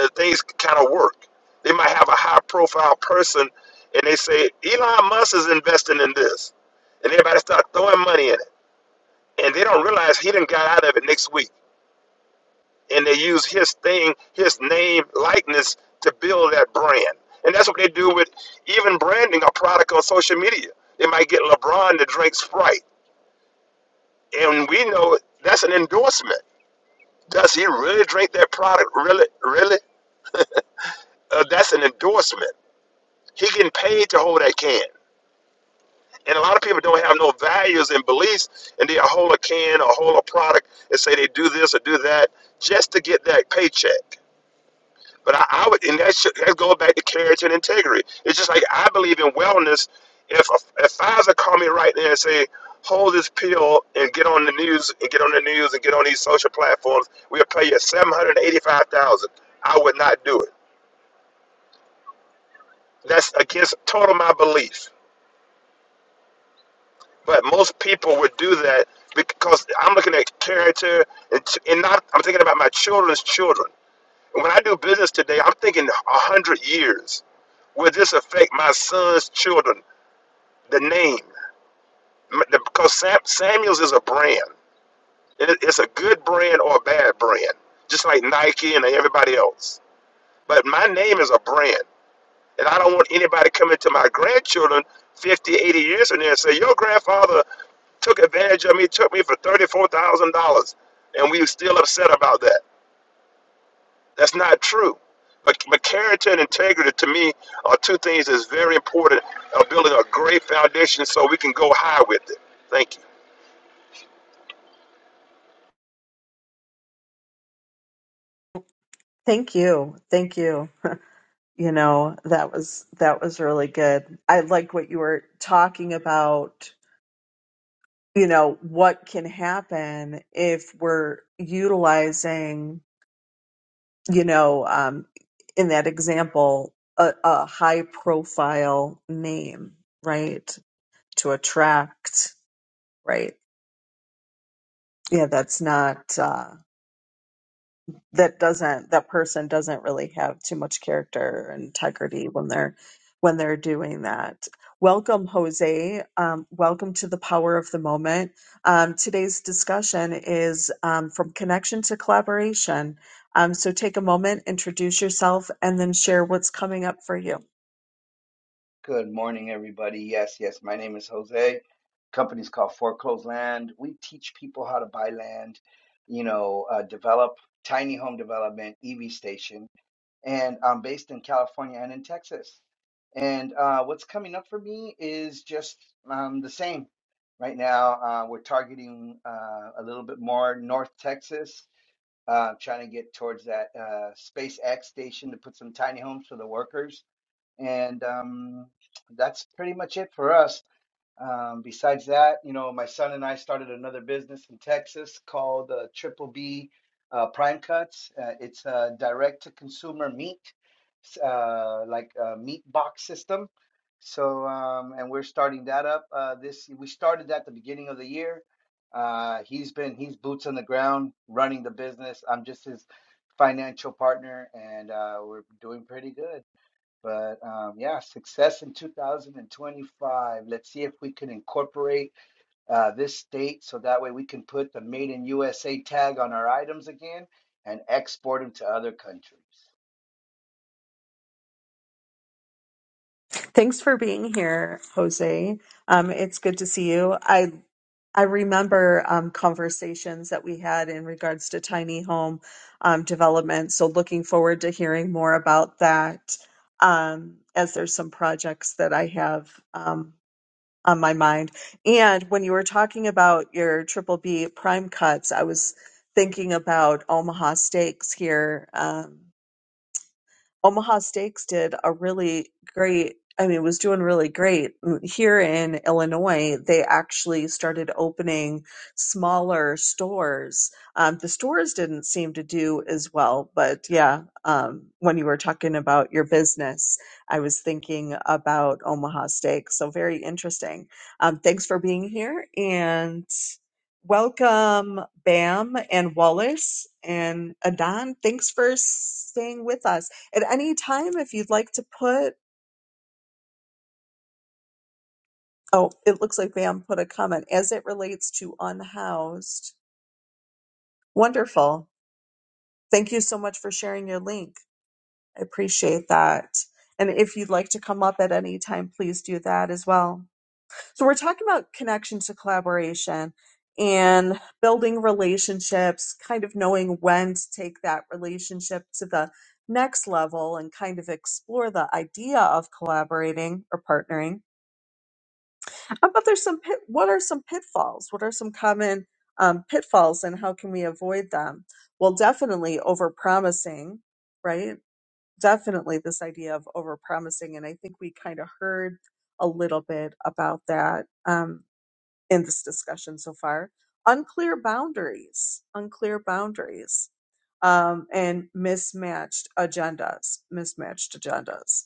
Speaker 4: uh, things kind of work. They might have a high profile person, and they say Elon Musk is investing in this, and everybody start throwing money in it, and they don't realize he done got out of it next week, and they use his thing, his name, likeness to build that brand, and that's what they do with even branding a product on social media. They might get LeBron to drink Sprite, and we know that's an endorsement. Does he really drink that product? Really, really? Uh, that's an endorsement He getting paid to hold that can. And a lot of people don't have no values and beliefs, and they hold a can or hold a product and say they do this or do that just to get that paycheck. But I, I would, and that should that go back to character and integrity. It's just like I believe in wellness. If a, if Pfizer call me right there and say, hold this pill and get on the news and get on the news and get on these social platforms, we'll pay you seven hundred eighty-five thousand. I would not do it. That's against total my belief. But most people would do that because I'm looking at character and, t- and not, I'm thinking about my children's children. And when I do business today, I'm thinking 100 years. Will this affect my son's children? The name. M- the- Because Sam, Samuels is a brand. It- It's a good brand or a bad brand, just like Nike and everybody else. But my name is a brand. And I don't want anybody coming to my grandchildren 50, 80 years from now and say, Your grandfather took advantage of me, took me for $34,000, and we were still upset about that. That's not true. But, but character and integrity to me are two things that's very important of building a great foundation so we can go high with it. Thank you.
Speaker 1: thank you. Thank you. you know that was that was really good i like what you were talking about you know what can happen if we're utilizing you know um in that example a, a high profile name right to attract right yeah that's not uh, that doesn't that person doesn't really have too much character and integrity when they're when they're doing that welcome jose um, welcome to the power of the moment um, today's discussion is um, from connection to collaboration um, so take a moment introduce yourself and then share what's coming up for you
Speaker 5: Good morning, everybody. Yes, yes, my name is Jose. Company's called Foreclosed Land. We teach people how to buy land, you know, uh, develop tiny home development, EV station, and I'm based in California and in Texas. And uh, what's coming up for me is just um, the same. Right now, uh, we're targeting uh, a little bit more North Texas, uh, trying to get towards that uh, SpaceX station to put some tiny homes for the workers and um, that's pretty much it for us. Um, besides that, you know, my son and I started another business in Texas called uh, Triple B uh, Prime Cuts. Uh, it's a direct to consumer meat, s- uh, like a meat box system. So, um, and we're starting that up. Uh, this we started that the beginning of the year. Uh, he's been he's boots on the ground running the business. I'm just his financial partner, and uh, we're doing pretty good. But um, yeah, success in 2025. Let's see if we can incorporate uh, this state so that way we can put the Made in USA tag on our items again and export them to other countries.
Speaker 1: Thanks for being here, Jose. Um, it's good to see you. I I remember um, conversations that we had in regards to tiny home um, development. So looking forward to hearing more about that. Um, as there's some projects that I have um, on my mind, and when you were talking about your triple B prime cuts, I was thinking about Omaha Steaks here. Um, Omaha Steaks did a really great, I mean, was doing really great. mm, Here in Illinois, they actually started opening smaller stores. Um, the stores didn't seem to do as well, but yeah, um, when you were talking about your business, I was thinking about Omaha Steaks. So very interesting. Um, thanks for being here and welcome, Bam and Wallace and Adan. Thanks for staying with us at any time, if you'd like to put, oh, it looks like Vam put a comment as it relates to unhoused. Wonderful. Thank you so much for sharing your link. I appreciate that. And if you'd like to come up at any time, please do that as well. So, we're talking about connection to collaboration and building relationships, kind of knowing when to take that relationship to the next level and kind of explore the idea of collaborating or partnering How about there's some pit, what are some pitfalls? What are some common um, pitfalls and how can we avoid them? Well, definitely overpromising, right? Definitely this idea of overpromising. And I think we kind of heard a little bit about that um, in this discussion so far. Unclear boundaries, unclear boundaries, um, and mismatched agendas, mismatched agendas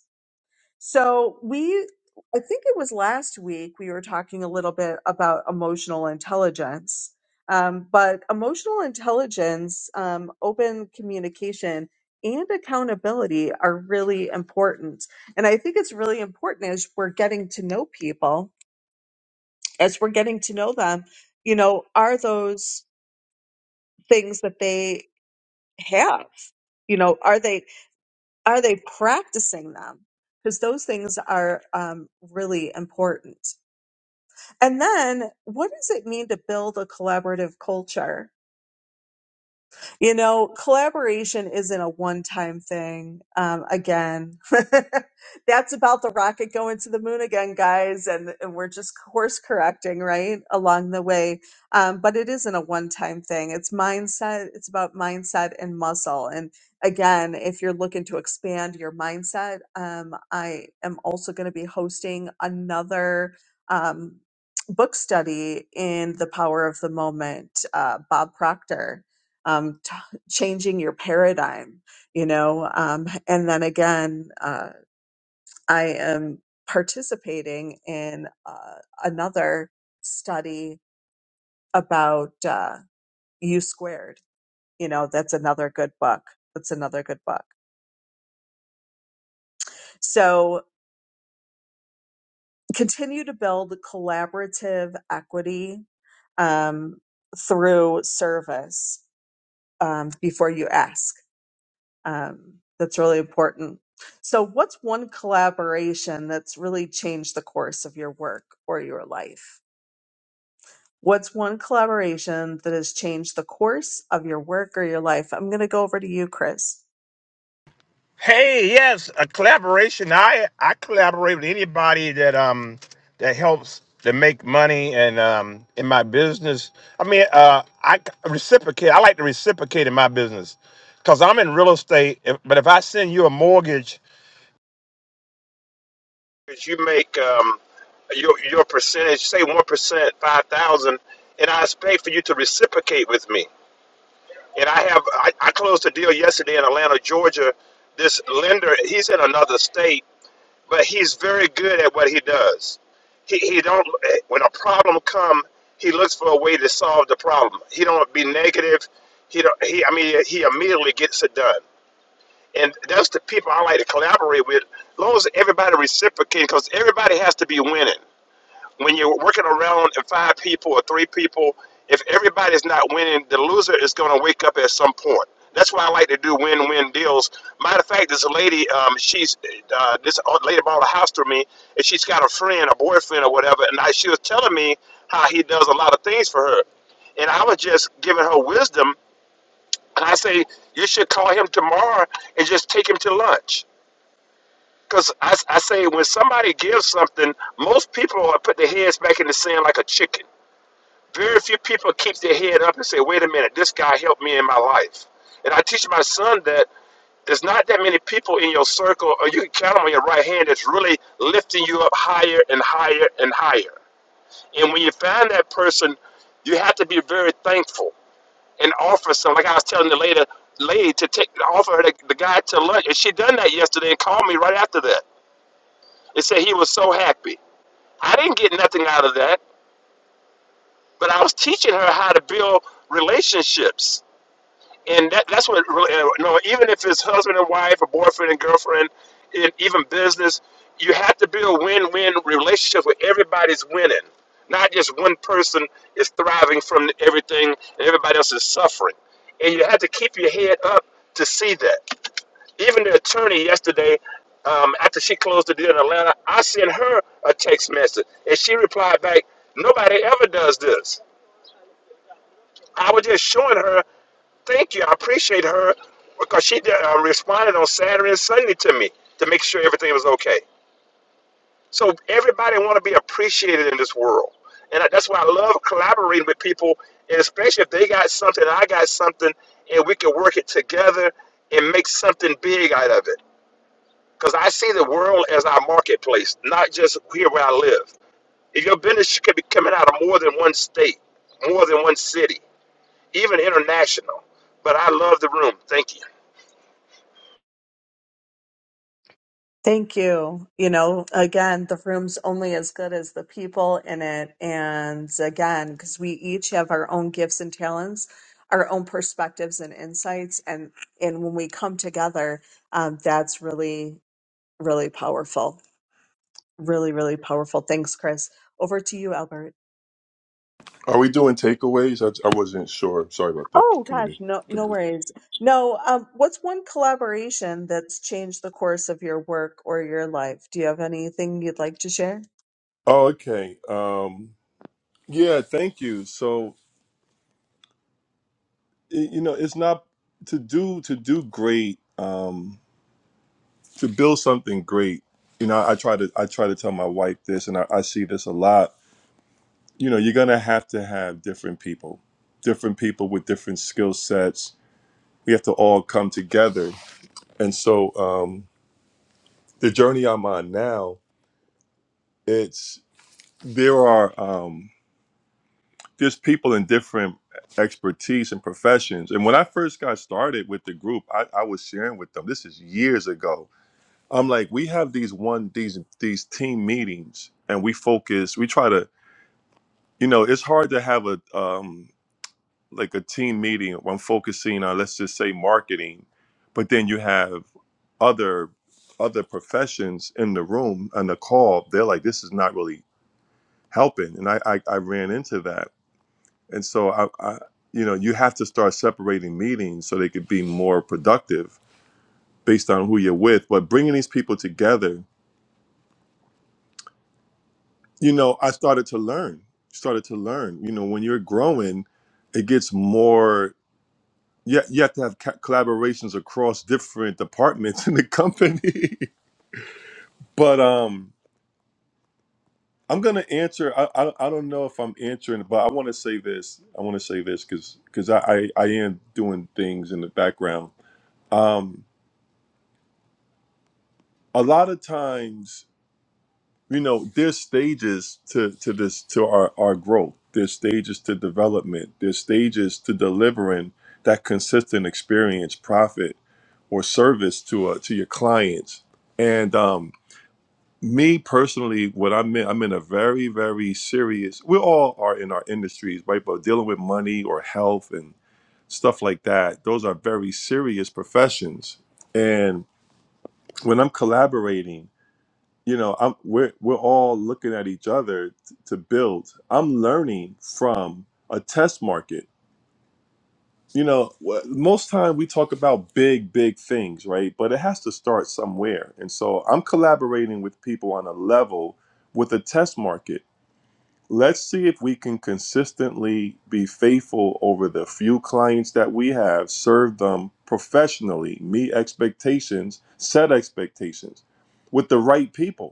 Speaker 1: so we, I think it was last week, we were talking a little bit about emotional intelligence. Um, but emotional intelligence, um, open communication, and accountability are really important. And I think it's really important as we're getting to know people, as we're getting to know them, you know, are those things that they have? You know, are they are they practicing them? Because those things are um, really important. And then what does it mean to build a collaborative culture? You know, collaboration isn't a one time thing. Um, again, that's about the rocket going to the moon again, guys. And, and we're just course correcting, right? Along the way. Um, but it isn't a one time thing. It's mindset. It's about mindset and muscle. And again, if you're looking to expand your mindset, um, I am also going to be hosting another, um, book study in the power of the moment uh, bob proctor um, t- changing your paradigm, you know. Um, and then again, uh, I am participating in uh, another study about uh, U squared. You know, that's another good book. That's another good book. So continue to build collaborative equity um, through service um, before you ask. Um, that's really important. So, what's one collaboration that's really changed the course of your work or your life? What's one collaboration that has changed the course of your work or your life? I'm going to go over to you, Chris.
Speaker 4: Hey, yes, a collaboration. I I collaborate with anybody that um that helps to make money and um in my business. I mean, uh, I c- reciprocate. I like to reciprocate in my business because I'm in real estate. if- But if I send you a mortgage, if you make um your your percentage, say one percent, five thousand, and I expect for you to reciprocate with me. And I have I, I closed a deal yesterday in Atlanta, Georgia. This lender, he's in another state but he's very good at what he does. He, he don't when a problem come, he looks for a way to solve the problem. He don't be negative. He don't. He I mean he immediately gets it done. And that's the people I like to collaborate with. As long as everybody reciprocating, because everybody has to be winning when you're working around and five people or three people, if everybody's not winning, the loser is going to wake up at some point. That's why I like to do win-win deals. Matter of fact, there's a lady. Um, she's uh, this lady bought a house through me, and she's got a friend, a boyfriend, or whatever. And I, she was telling me how he does a lot of things for her, and I was just giving her wisdom. And I say you should call him tomorrow and just take him to lunch. Because I, I say when somebody gives something, most people are put their heads back in the sand like a chicken very few people keep their head up and say, wait a minute, this guy helped me in my life. And I teach my son that there's not that many people in your circle, or you can count them on your right hand, that's really lifting you up higher and higher and higher. And when you find that person, you have to be very thankful and offer some. Like I was telling the lady, lady to take offer her the, the guy to lunch, and she done that yesterday and called me right after that and said he was so happy. I didn't get nothing out of that, but I was teaching her how to build relationships and that, that's what really uh, no even if it's husband and wife or boyfriend and girlfriend and even business you have to build win-win relationships where everybody's winning not just one person is thriving from everything and everybody else is suffering and you have to keep your head up to see that even the attorney yesterday um, after she closed the deal in atlanta i sent her a text message and she replied back nobody ever does this i was just showing her Thank you. I appreciate her because she did, uh, responded on Saturday and Sunday to me to make sure everything was okay. So everybody want to be appreciated in this world, and I- that's why I love collaborating with people, and especially if they got something, I got something, and we can work it together and make something big out of it. Because I see the world as our marketplace, not just here where I live. If your business could be coming out of more than one state, more than one city, even international. But I love the room. Thank you.
Speaker 1: Thank you. You know, again, the room's only as good as the people in it. And again, because we each have our own gifts and talents, our own perspectives and insights. And, and when we come together, um, that's really, really powerful. Really, really powerful. Thanks, Chris. Over to you, Albert.
Speaker 3: Are we doing takeaways? I, I wasn't sure. Sorry about that,
Speaker 1: Oh gosh,
Speaker 3: committee.
Speaker 1: no, no
Speaker 3: committee.
Speaker 1: worries. No, um, what's one collaboration that's changed the course of your work or your life? Do you have anything you'd like to share?
Speaker 3: Oh, okay. Um, yeah, thank you. So y- you know, it's not to do to do great um, to build something great. You know, I try to I try to tell my wife this, and I, I see this a lot. You know, you're gonna have to have different people, different people with different skill sets. We have to all come together, and so um, the journey I'm on now, it's there are. Um, there's people in different expertise and professions. And when I first got started with the group, I, I was sharing with them. This is years ago. I'm like, we have these one these these team meetings, and we focus. We try to, you know, it's hard to have a um like a team meeting when focusing on let's just say marketing, but then you have other other professions in the room and the call. They're like, this is not really helping, and I I, I ran into that And so I, I you know, you have to start separating meetings so they could be more productive based on who you're with. But bringing these people together, you know, I started to learn, started to learn. You know, when you're growing, it gets more. You, you have to have ca- collaborations across different departments in the company. but um, I'm gonna answer. I, I I don't know if I'm answering, but I want to say this. I want to say this because because I, I I am doing things in the background. Um, a lot of times you know there's stages to to this to our our growth there's stages to development there's stages to delivering that consistent experience profit or service to uh, to your clients and um me personally what i'm in i'm in a very very serious we all are in our industries right but dealing with money or health and stuff like that those are very serious professions and when i'm collaborating you know i'm we're we're all looking at each other t- to build i'm learning from a test market you know wh- most time we talk about big big things right but it has to start somewhere and so i'm collaborating with people on a level with a test market let's see if we can consistently be faithful over the few clients that we have serve them professionally meet expectations set expectations with the right people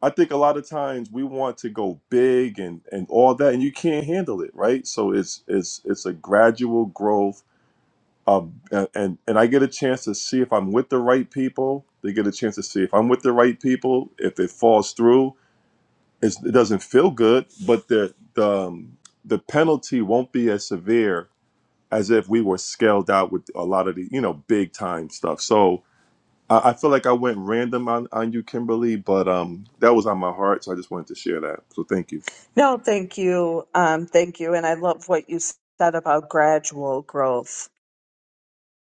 Speaker 3: I think a lot of times we want to go big and and all that, and you can't handle it, right? So it's it's it's a gradual growth. Um, and and I get a chance to see if I'm with the right people. They get a chance to see if I'm with the right people. If it falls through, it's, it doesn't feel good, but the the um, the penalty won't be as severe as if we were scaled out with a lot of the you know big time stuff. So I, I feel like I went random on, on you, Kimberly, but um, that was on my heart, so I just wanted to share that. So thank you.
Speaker 1: No, thank you. Um, thank you. And I love what you said about gradual growth.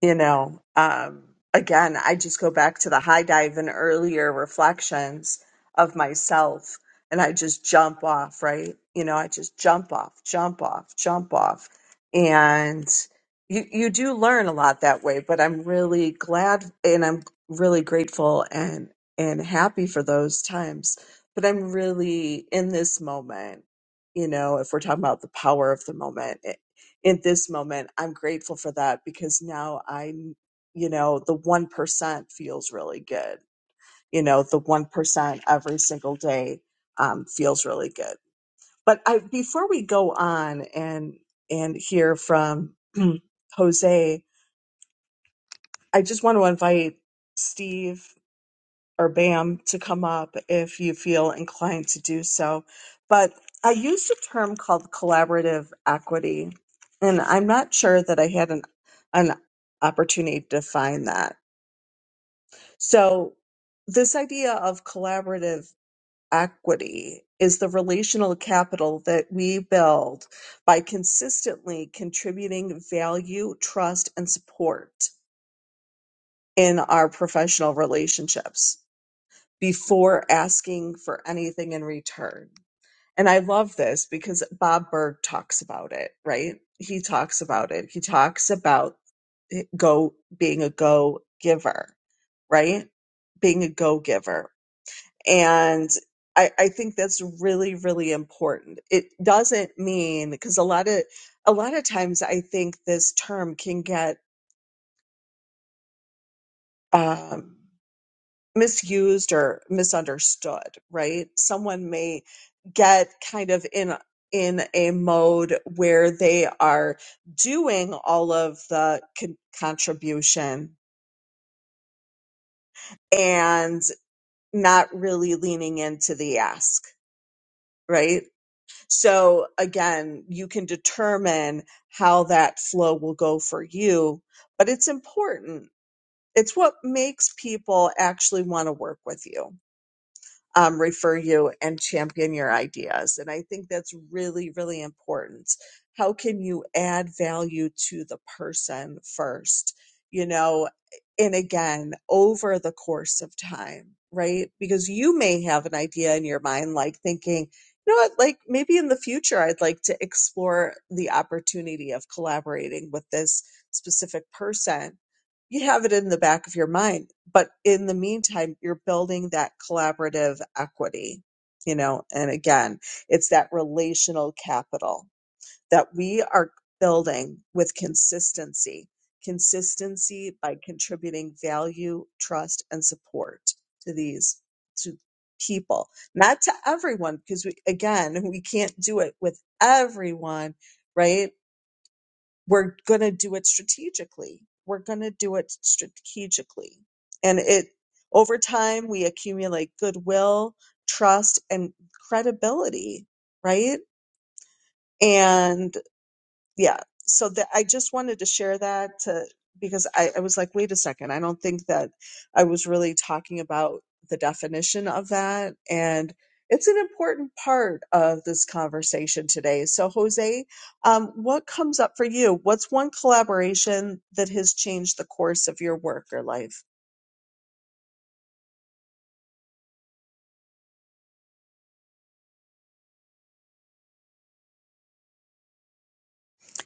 Speaker 1: you know um again i just go back to the high dive and earlier reflections of myself and i just jump off right you know i just jump off jump off jump off and you you do learn a lot that way but i'm really glad and i'm really grateful and and happy for those times but i'm really in this moment you know if we're talking about the power of the moment in this moment i'm grateful for that because now i you know the 1% feels really good you know the 1% every single day um, feels really good but i before we go on and and hear from jose i just want to invite steve or BAM to come up if you feel inclined to do so. But I used a term called collaborative equity, and I'm not sure that I had an, an opportunity to define that. So, this idea of collaborative equity is the relational capital that we build by consistently contributing value, trust, and support in our professional relationships before asking for anything in return. And I love this because Bob Berg talks about it, right? He talks about it. He talks about it- go being a go giver, right? Being a go giver. And I, I think that's really, really important. It doesn't mean because a lot of a lot of times I think this term can get um, misused or misunderstood, right? Someone may get kind of in in a mode where they are doing all of the con- contribution and not really leaning into the ask, right? So again, you can determine how that flow will go for you, but it's important. It's what makes people actually want to work with you um, refer you and champion your ideas. And I think that's really, really important. How can you add value to the person first? You know, and again, over the course of time, right? Because you may have an idea in your mind, like thinking, you know what, like maybe in the future, I'd like to explore the opportunity of collaborating with this specific person you have it in the back of your mind but in the meantime you're building that collaborative equity you know and again it's that relational capital that we are building with consistency consistency by contributing value trust and support to these to people not to everyone because we again we can't do it with everyone right we're going to do it strategically. We're going to do it strategically. And it, over time, we accumulate goodwill, trust, and credibility, right? And yeah so that i just wanted to share that to because I, I was like wait a second i don't think that i was really talking about the definition of that and it's an important part of this conversation today so jose um, what comes up for you what's one collaboration that has changed the course of your work or life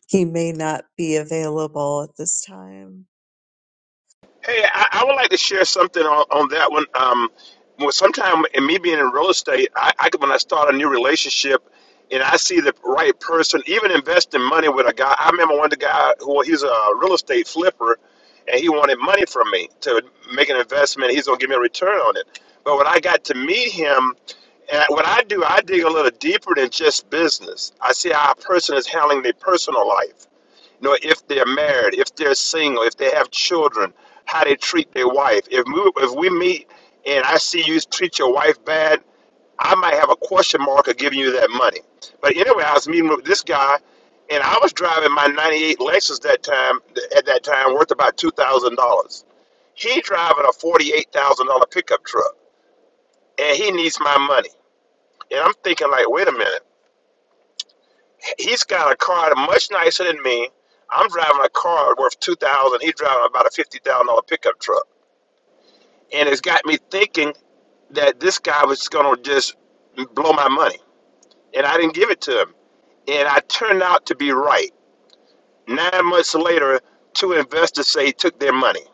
Speaker 1: he may not be available at this time
Speaker 4: Hey, I, I would like to share something on, on that one. Um, well, sometime in me being in real estate, I, I could- when I start a new relationship and I see the right person, even investing money with a guy. I remember one of the guy who he's a real estate flipper, and he wanted money from me to make an investment. He's gonna give me a return on it. But when I got to meet him, and what I do, I dig a little deeper than just business. I see how a person is handling their personal life nor if they're married, if they're single, if they have children, how they treat their wife. If we, if we meet and I see you treat your wife bad, I might have a question mark of giving you that money. But anyway, I was meeting with this guy, and I was driving my '98 Lexus that time. At that time, worth about two thousand dollars. He driving a forty-eight thousand dollar pickup truck, and he needs my money. And I'm thinking like, wait a minute. He's got a car much nicer than me. I'm driving a car worth two thousand. dollars. He's driving about a fifty thousand dollar pickup truck, and it's got me thinking that this guy was gonna just blow my money, and I didn't give it to him. And I turned out to be right. Nine months later, two investors say he took their money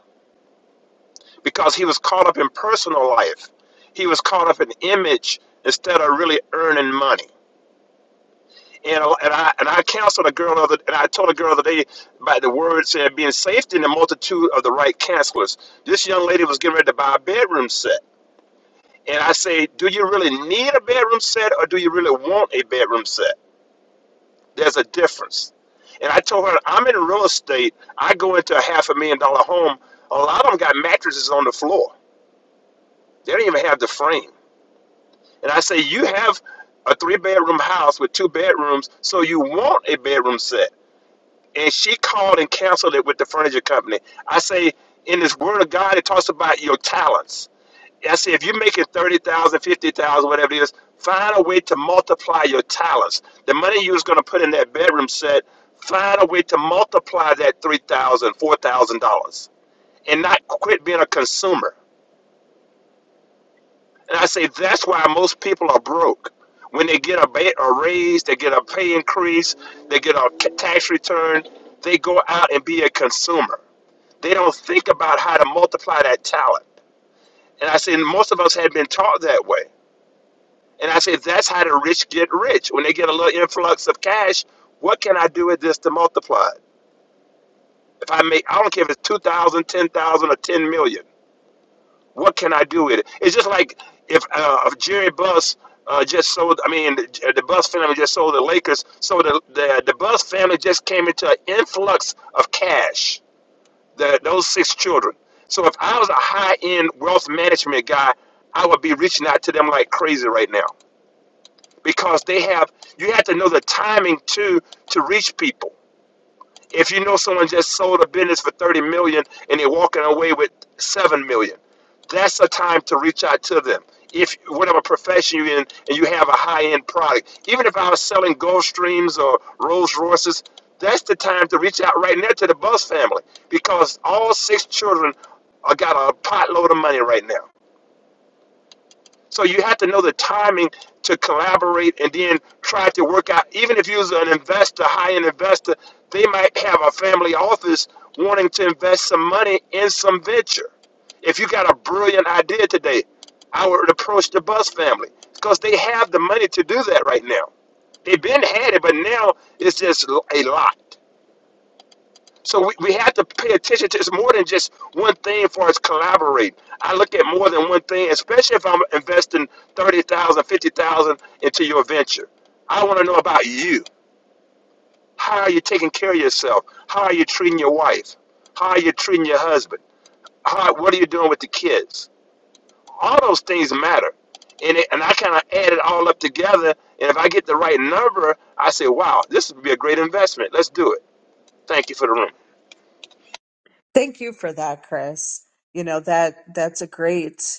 Speaker 4: because he was caught up in personal life. He was caught up in image instead of really earning money. And, a- and I and I counseled a girl the other, and I told a girl the other day by the word said being safety in the multitude of the right counselors. This young lady was getting ready to buy a bedroom set, and I say, do you really need a bedroom set, or do you really want a bedroom set? There's a difference. And I told her, I'm in real estate. I go into a half a million dollar home. A lot of them got mattresses on the floor. They don't even have the frame. And I say, you have a three bedroom house with two bedrooms, so you want a bedroom set. and she called and canceled it with the furniture company. I say, in this word of God, it talks about your talents. I say, if you're making 30000, 50000, whatever it is, find a way to multiply your talents. The money you was going to put in that bedroom set, find a way to multiply that three thousand, four thousand dollars dollars and not quit being a consumer. And I say, that's why most people are broke. When they get a, ba- a raise, they get a pay increase, they get a ca- tax return, they go out and be a consumer. They don't think about how to multiply that talent. And I said, and most of us had been taught that way. And I said, that's how the rich get rich. When they get a little influx of cash, what can I do with this to multiply it? If I make, I don't care if it's 2,000, 10,000, or 10 million. What can I do with it? It's just like if, uh, if Jerry Buss uh, just sold, I mean, the, the Buss family just sold the Lakers. So the, the, the Buss family just came into an influx of cash. the, those six children. So if I was a high end wealth management guy, I would be reaching out to them like crazy right now because they have. You have to know the timing too to reach people. If you know someone just sold a business for 30 million and they're walking away with 7 million, that's a time to reach out to them. If whatever profession you're in and you have a high end product, even if I was selling Gulfstreams or Rolls Royces, that's the time to reach out right now to the Buzz family because all six children are got a potload of money right now. So you have to know the timing to collaborate and then try to work out. Even if you're an investor, high-end investor, they might have a family office wanting to invest some money in some venture. If you got a brilliant idea today, I would approach the Bus family because they have the money to do that right now. They've been had it, but now it's just a lot. So we, we have to pay attention to it's more than just one thing for us collaborate. I look at more than one thing, especially if I'm investing 30000, 50000 into your venture. I want to know about you. How are you taking care of yourself? How are you treating your wife? How are you treating your husband? How, what are you doing with the kids? All those things matter. And, it, and I kind of add it all up together. And if I get the right number, I say, wow, this would be a great investment. Let's do it. Thank you for the room.
Speaker 1: thank you for that chris you know that that's a great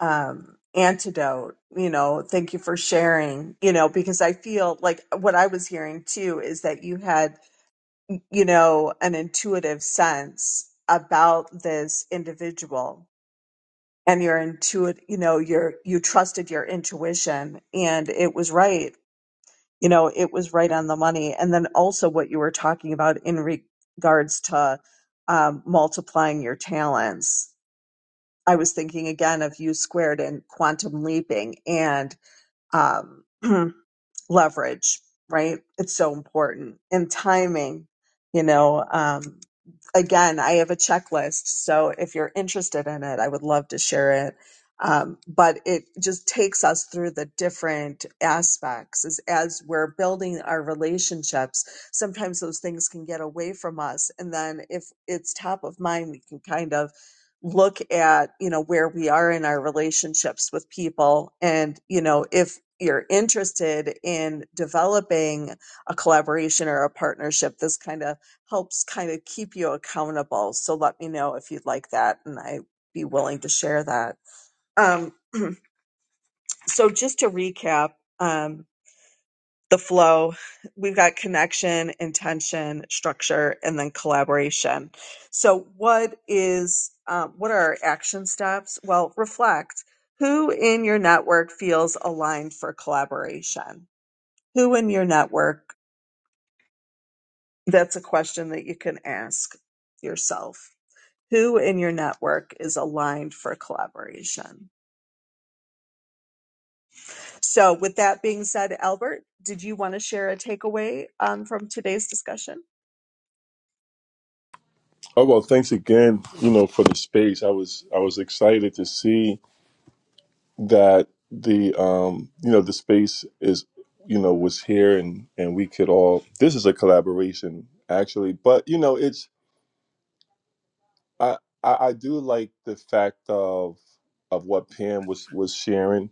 Speaker 1: um, antidote. You know, thank you for sharing. You know, because I feel like what I was hearing too is that you had, you know, an intuitive sense about this individual and your intuit you know your you trusted your intuition and it was right you know it was right on the money and then also what you were talking about in regards to um, multiplying your talents i was thinking again of u squared and quantum leaping and um, leverage, right? It's so important. And timing, you know, um, again, I have a checklist. So if you're interested in it, I would love to share it. Um, but it just takes us through the different aspects as, as we're building our relationships. Sometimes those things can get away from us. And then if it's top of mind, we can kind of look at you know where we are in our relationships with people and you know if you're interested in developing a collaboration or a partnership this kind of helps kind of keep you accountable so let me know if you'd like that and i'd be willing to share that um, so just to recap um, the flow we've got connection intention structure and then collaboration so what is um, what are our action steps well reflect who in your network feels aligned for collaboration who in your network that's a question that you can ask yourself who in your network is aligned for collaboration so with that being said albert did you want to share a takeaway um, from today's discussion
Speaker 3: Oh well, thanks again. You know, for the space, I was I was excited to see that the um, you know, the space is you know was here and and we could all. This is a collaboration actually, but you know, it's I I, I do like the fact of of what Pam was was sharing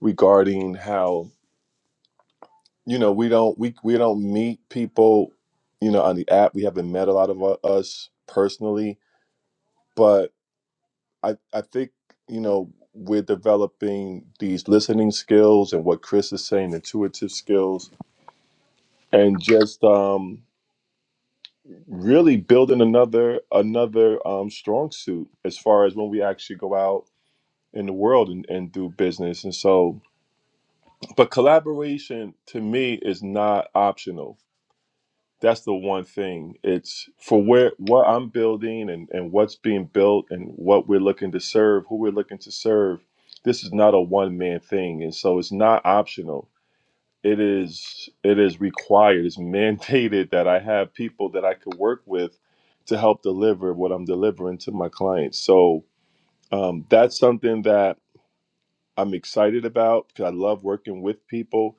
Speaker 3: regarding how you know we don't we we don't meet people you know on the app we haven't met a lot of u- us personally but i i think you know we're developing these listening skills and what chris is saying intuitive skills and just um really building another another um strong suit as far as when we actually go out in the world and, and do business and so but collaboration to me is not optional that's the one thing it's for where what i'm building and, and what's being built and what we're looking to serve who we're looking to serve this is not a one-man thing and so it's not optional it is it is required it's mandated that i have people that i could work with to help deliver what i'm delivering to my clients so um, that's something that i'm excited about because i love working with people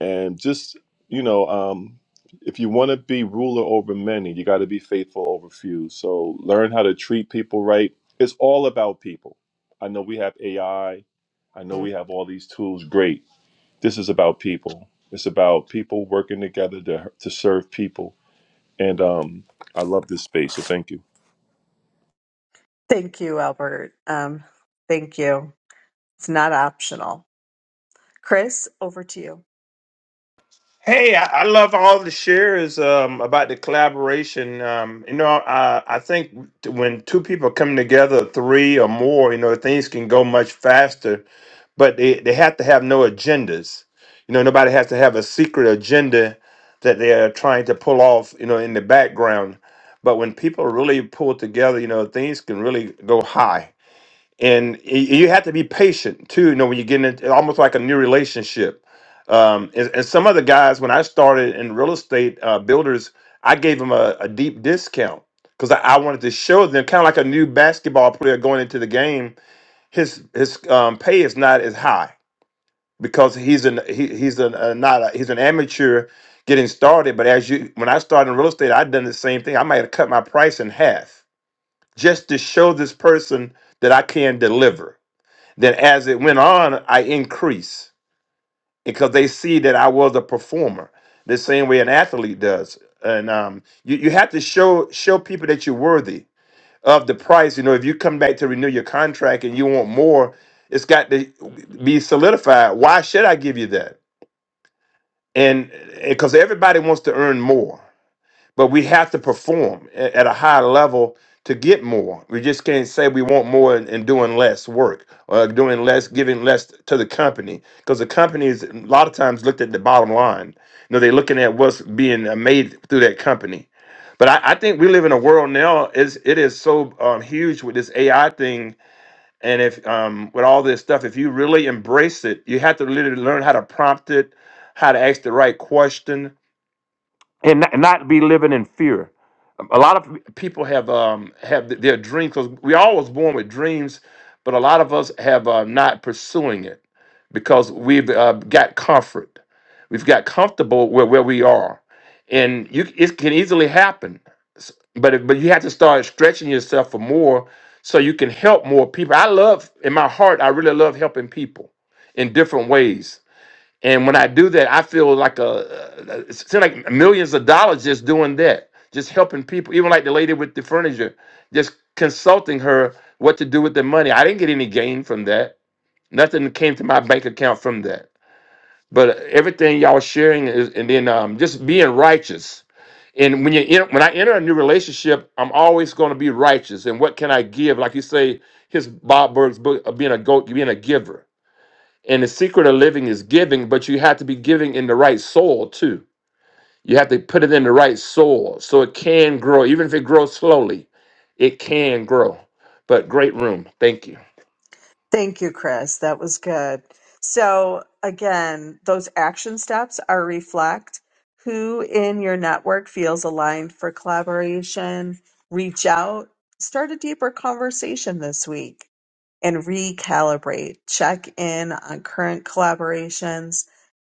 Speaker 3: and just you know um, if you want to be ruler over many you got to be faithful over few so learn how to treat people right it's all about people i know we have ai i I know we have all these tools great this is about people it's about people working together to, to serve people and um, i love this space so thank you
Speaker 1: Thank you, Albert. Um, thank you. It's not optional. Chris, over to you.
Speaker 4: Hey, I, I love all the shares um, about the collaboration. Um, you know, I, I think when two people come together, three or more, you know, things can go much faster. But they, they have to have no agendas. You know, nobody has to have a secret agenda that they are trying to pull off. You know, in the background. But when people really pull together, you know, things can really go high and y- you have to be patient too. You know, when you get into almost like a new relationship. Um, and, and some of the guys, when I started in real estate uh, builders, I gave them a, a deep discount because I, I wanted to show them kind of like a new basketball player going into the game. His his um, pay is not as high because he's an he, he's an, uh not a, he's an amateur getting started. But as you, when I started in real estate, i done the same thing. I might have cut my price in half just to show this person that I can deliver then as it went on, I increased because they see that I was a performer, the same way an athlete does. And um, you, you have to show show people that you're worthy of the price. You know, if you come back to renew your contract and you want more, it's got to be solidified. Why should I give you that? And because everybody wants to earn more but we have to perform a- at a high level to get more. We just can't say we want more and, and doing less work or doing less, giving less to the company because the company is a lot of times looked at the bottom line. You know, they're looking at what's being uh, made through that company. But I, I think we live in a world now is it is so um, huge with this AI thing and if um, with all this stuff, if you really embrace it, you have to literally learn how to prompt it, how to ask the right question, and not, not be living in fear a lot of people have um have th- their dreams because we all was born with dreams but a lot of us have uh, not pursuing it because we've uh, got comfort we've got comfortable where, where we are and you it can easily happen but it- but you have to start stretching yourself for more so you can help more people i love in my heart i really love helping people in different ways and when I do that, I feel like a, it seems like millions of dollars just doing that, just helping people. Even like the lady with the furniture, just consulting her what to do with the money. I didn't get any gain from that. Nothing came to my bank account from that. But everything y'all sharing is, and then um, just being righteous. And when you en- when I enter a new relationship, I'm always going to be righteous. And what can I give? Like you say, his Bob Berg's book, uh, being a go, being a giver and the secret of living is giving, but you have to be giving in the right soil too. You have to put it in the right soil so it can grow, even if it grows slowly, it can grow. But great room. Thank you.
Speaker 1: Thank you, Chris. That was good. So, again, those action steps are reflect who in your network feels aligned for collaboration, reach out, start a deeper conversation this week, and recalibrate. Check in on current collaborations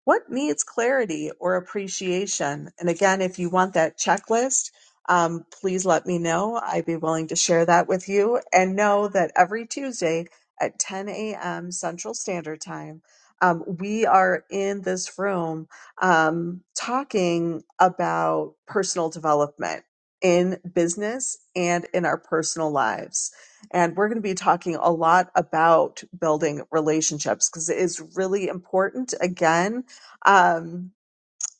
Speaker 1: what needs clarity or appreciation? And again, if you want that checklist, um, please let me know. I'd be willing to share that with you. And know that every Tuesday at 10 a.m. Central Standard Time, um, we are in this room um, talking about personal development in business and in our personal lives. And we're going to be talking a lot about building relationships because it is really important, again, um,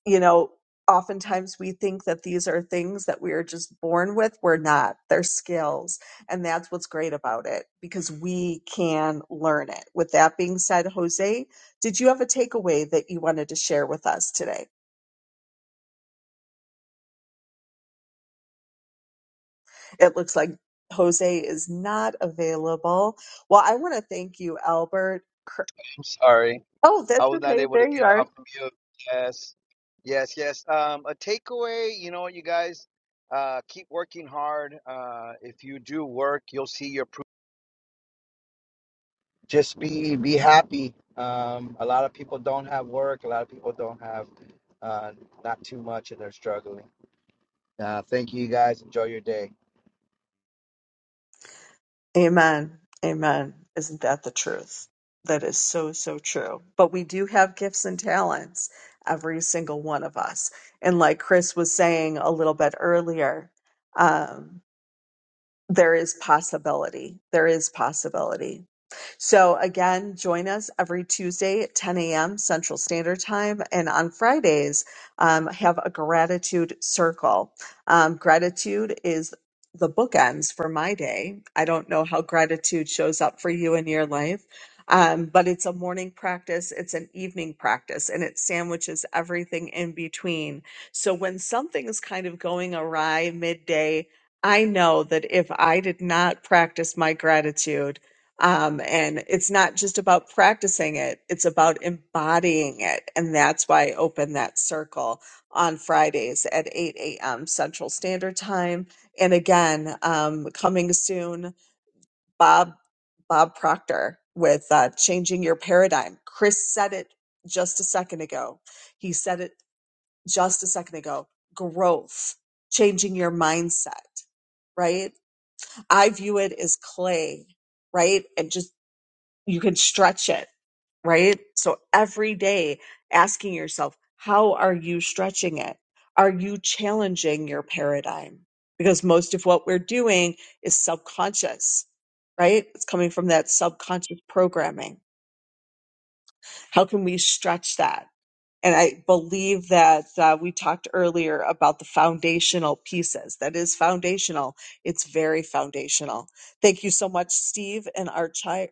Speaker 1: you know, oftentimes we think that these are things that we are just born with. We're not, they're skills. And that's what's great about it because we can learn it. With that being said, Jose, did you have a takeaway that you wanted to share with us today? It looks like Jose is not available. Well, I want to thank you, Albert. Cr-
Speaker 5: I'm sorry.
Speaker 1: Oh,
Speaker 5: I
Speaker 1: that's
Speaker 5: was not
Speaker 1: okay.
Speaker 5: able to
Speaker 1: There you
Speaker 5: get
Speaker 1: are.
Speaker 5: off of you. Yes. Yes, yes. Um, a takeaway, you know, you guys uh, keep working hard. Uh, if you do work, you'll see your just be be happy. Um, a lot of people don't have work. A lot of people don't have uh, not too much, and they're struggling. Uh, thank you, you guys. Enjoy your day.
Speaker 1: Amen. Amen. Isn't that the truth? That is so, so true. But we do have gifts and talents, every single one of us. And like Chris was saying a little bit earlier, um, there is possibility. There is possibility. So again, join us every Tuesday at 10 a.m. Central Standard Time, and on Fridays um, have a gratitude circle. Um, gratitude is the bookends for my day. I don't know how gratitude shows up for you in your life. Um, but it's a morning practice, it's an evening practice, and it sandwiches everything in between. So when something is kind of going awry midday, I know that if I did not practice my gratitude, um, and it's not just about practicing it, it's about embodying it. And that's why I open that circle on Fridays at 8 a.m. Central Standard Time. And again, um, coming soon, Bob, Bob Proctor with uh, Changing Your Paradigm. Chris said it just a second ago. He said it just a second ago. Growth, changing your mindset right? I view it as clay, right? And just you can stretch it, right? So every day asking yourself, how are you stretching it? Are you challenging your paradigm? Because most of what we're doing is subconscious, right? It's coming from that subconscious programming. How can we stretch that? And I believe that uh, we talked earlier about the foundational pieces. That is foundational. It's very foundational. Thank you so much, Steve and Archira.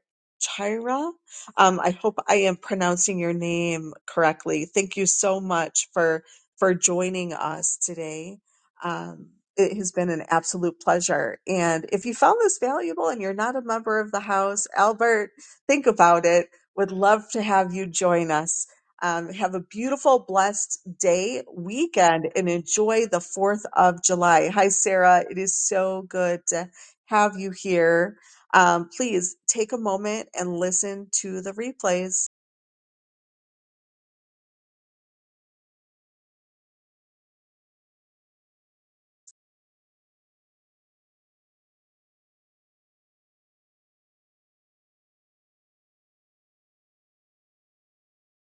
Speaker 1: Um, I hope I am pronouncing your name correctly. Thank you so much for for joining us today. Um, it has been an absolute pleasure. And if you found this valuable and you're not a member of the house, Albert, think about it. Would love to have you join us um, have a beautiful, blessed day, weekend, and enjoy the 4th of July. Hi, Sarah. It is so good to have you here. Um, please take a moment and listen to the replays.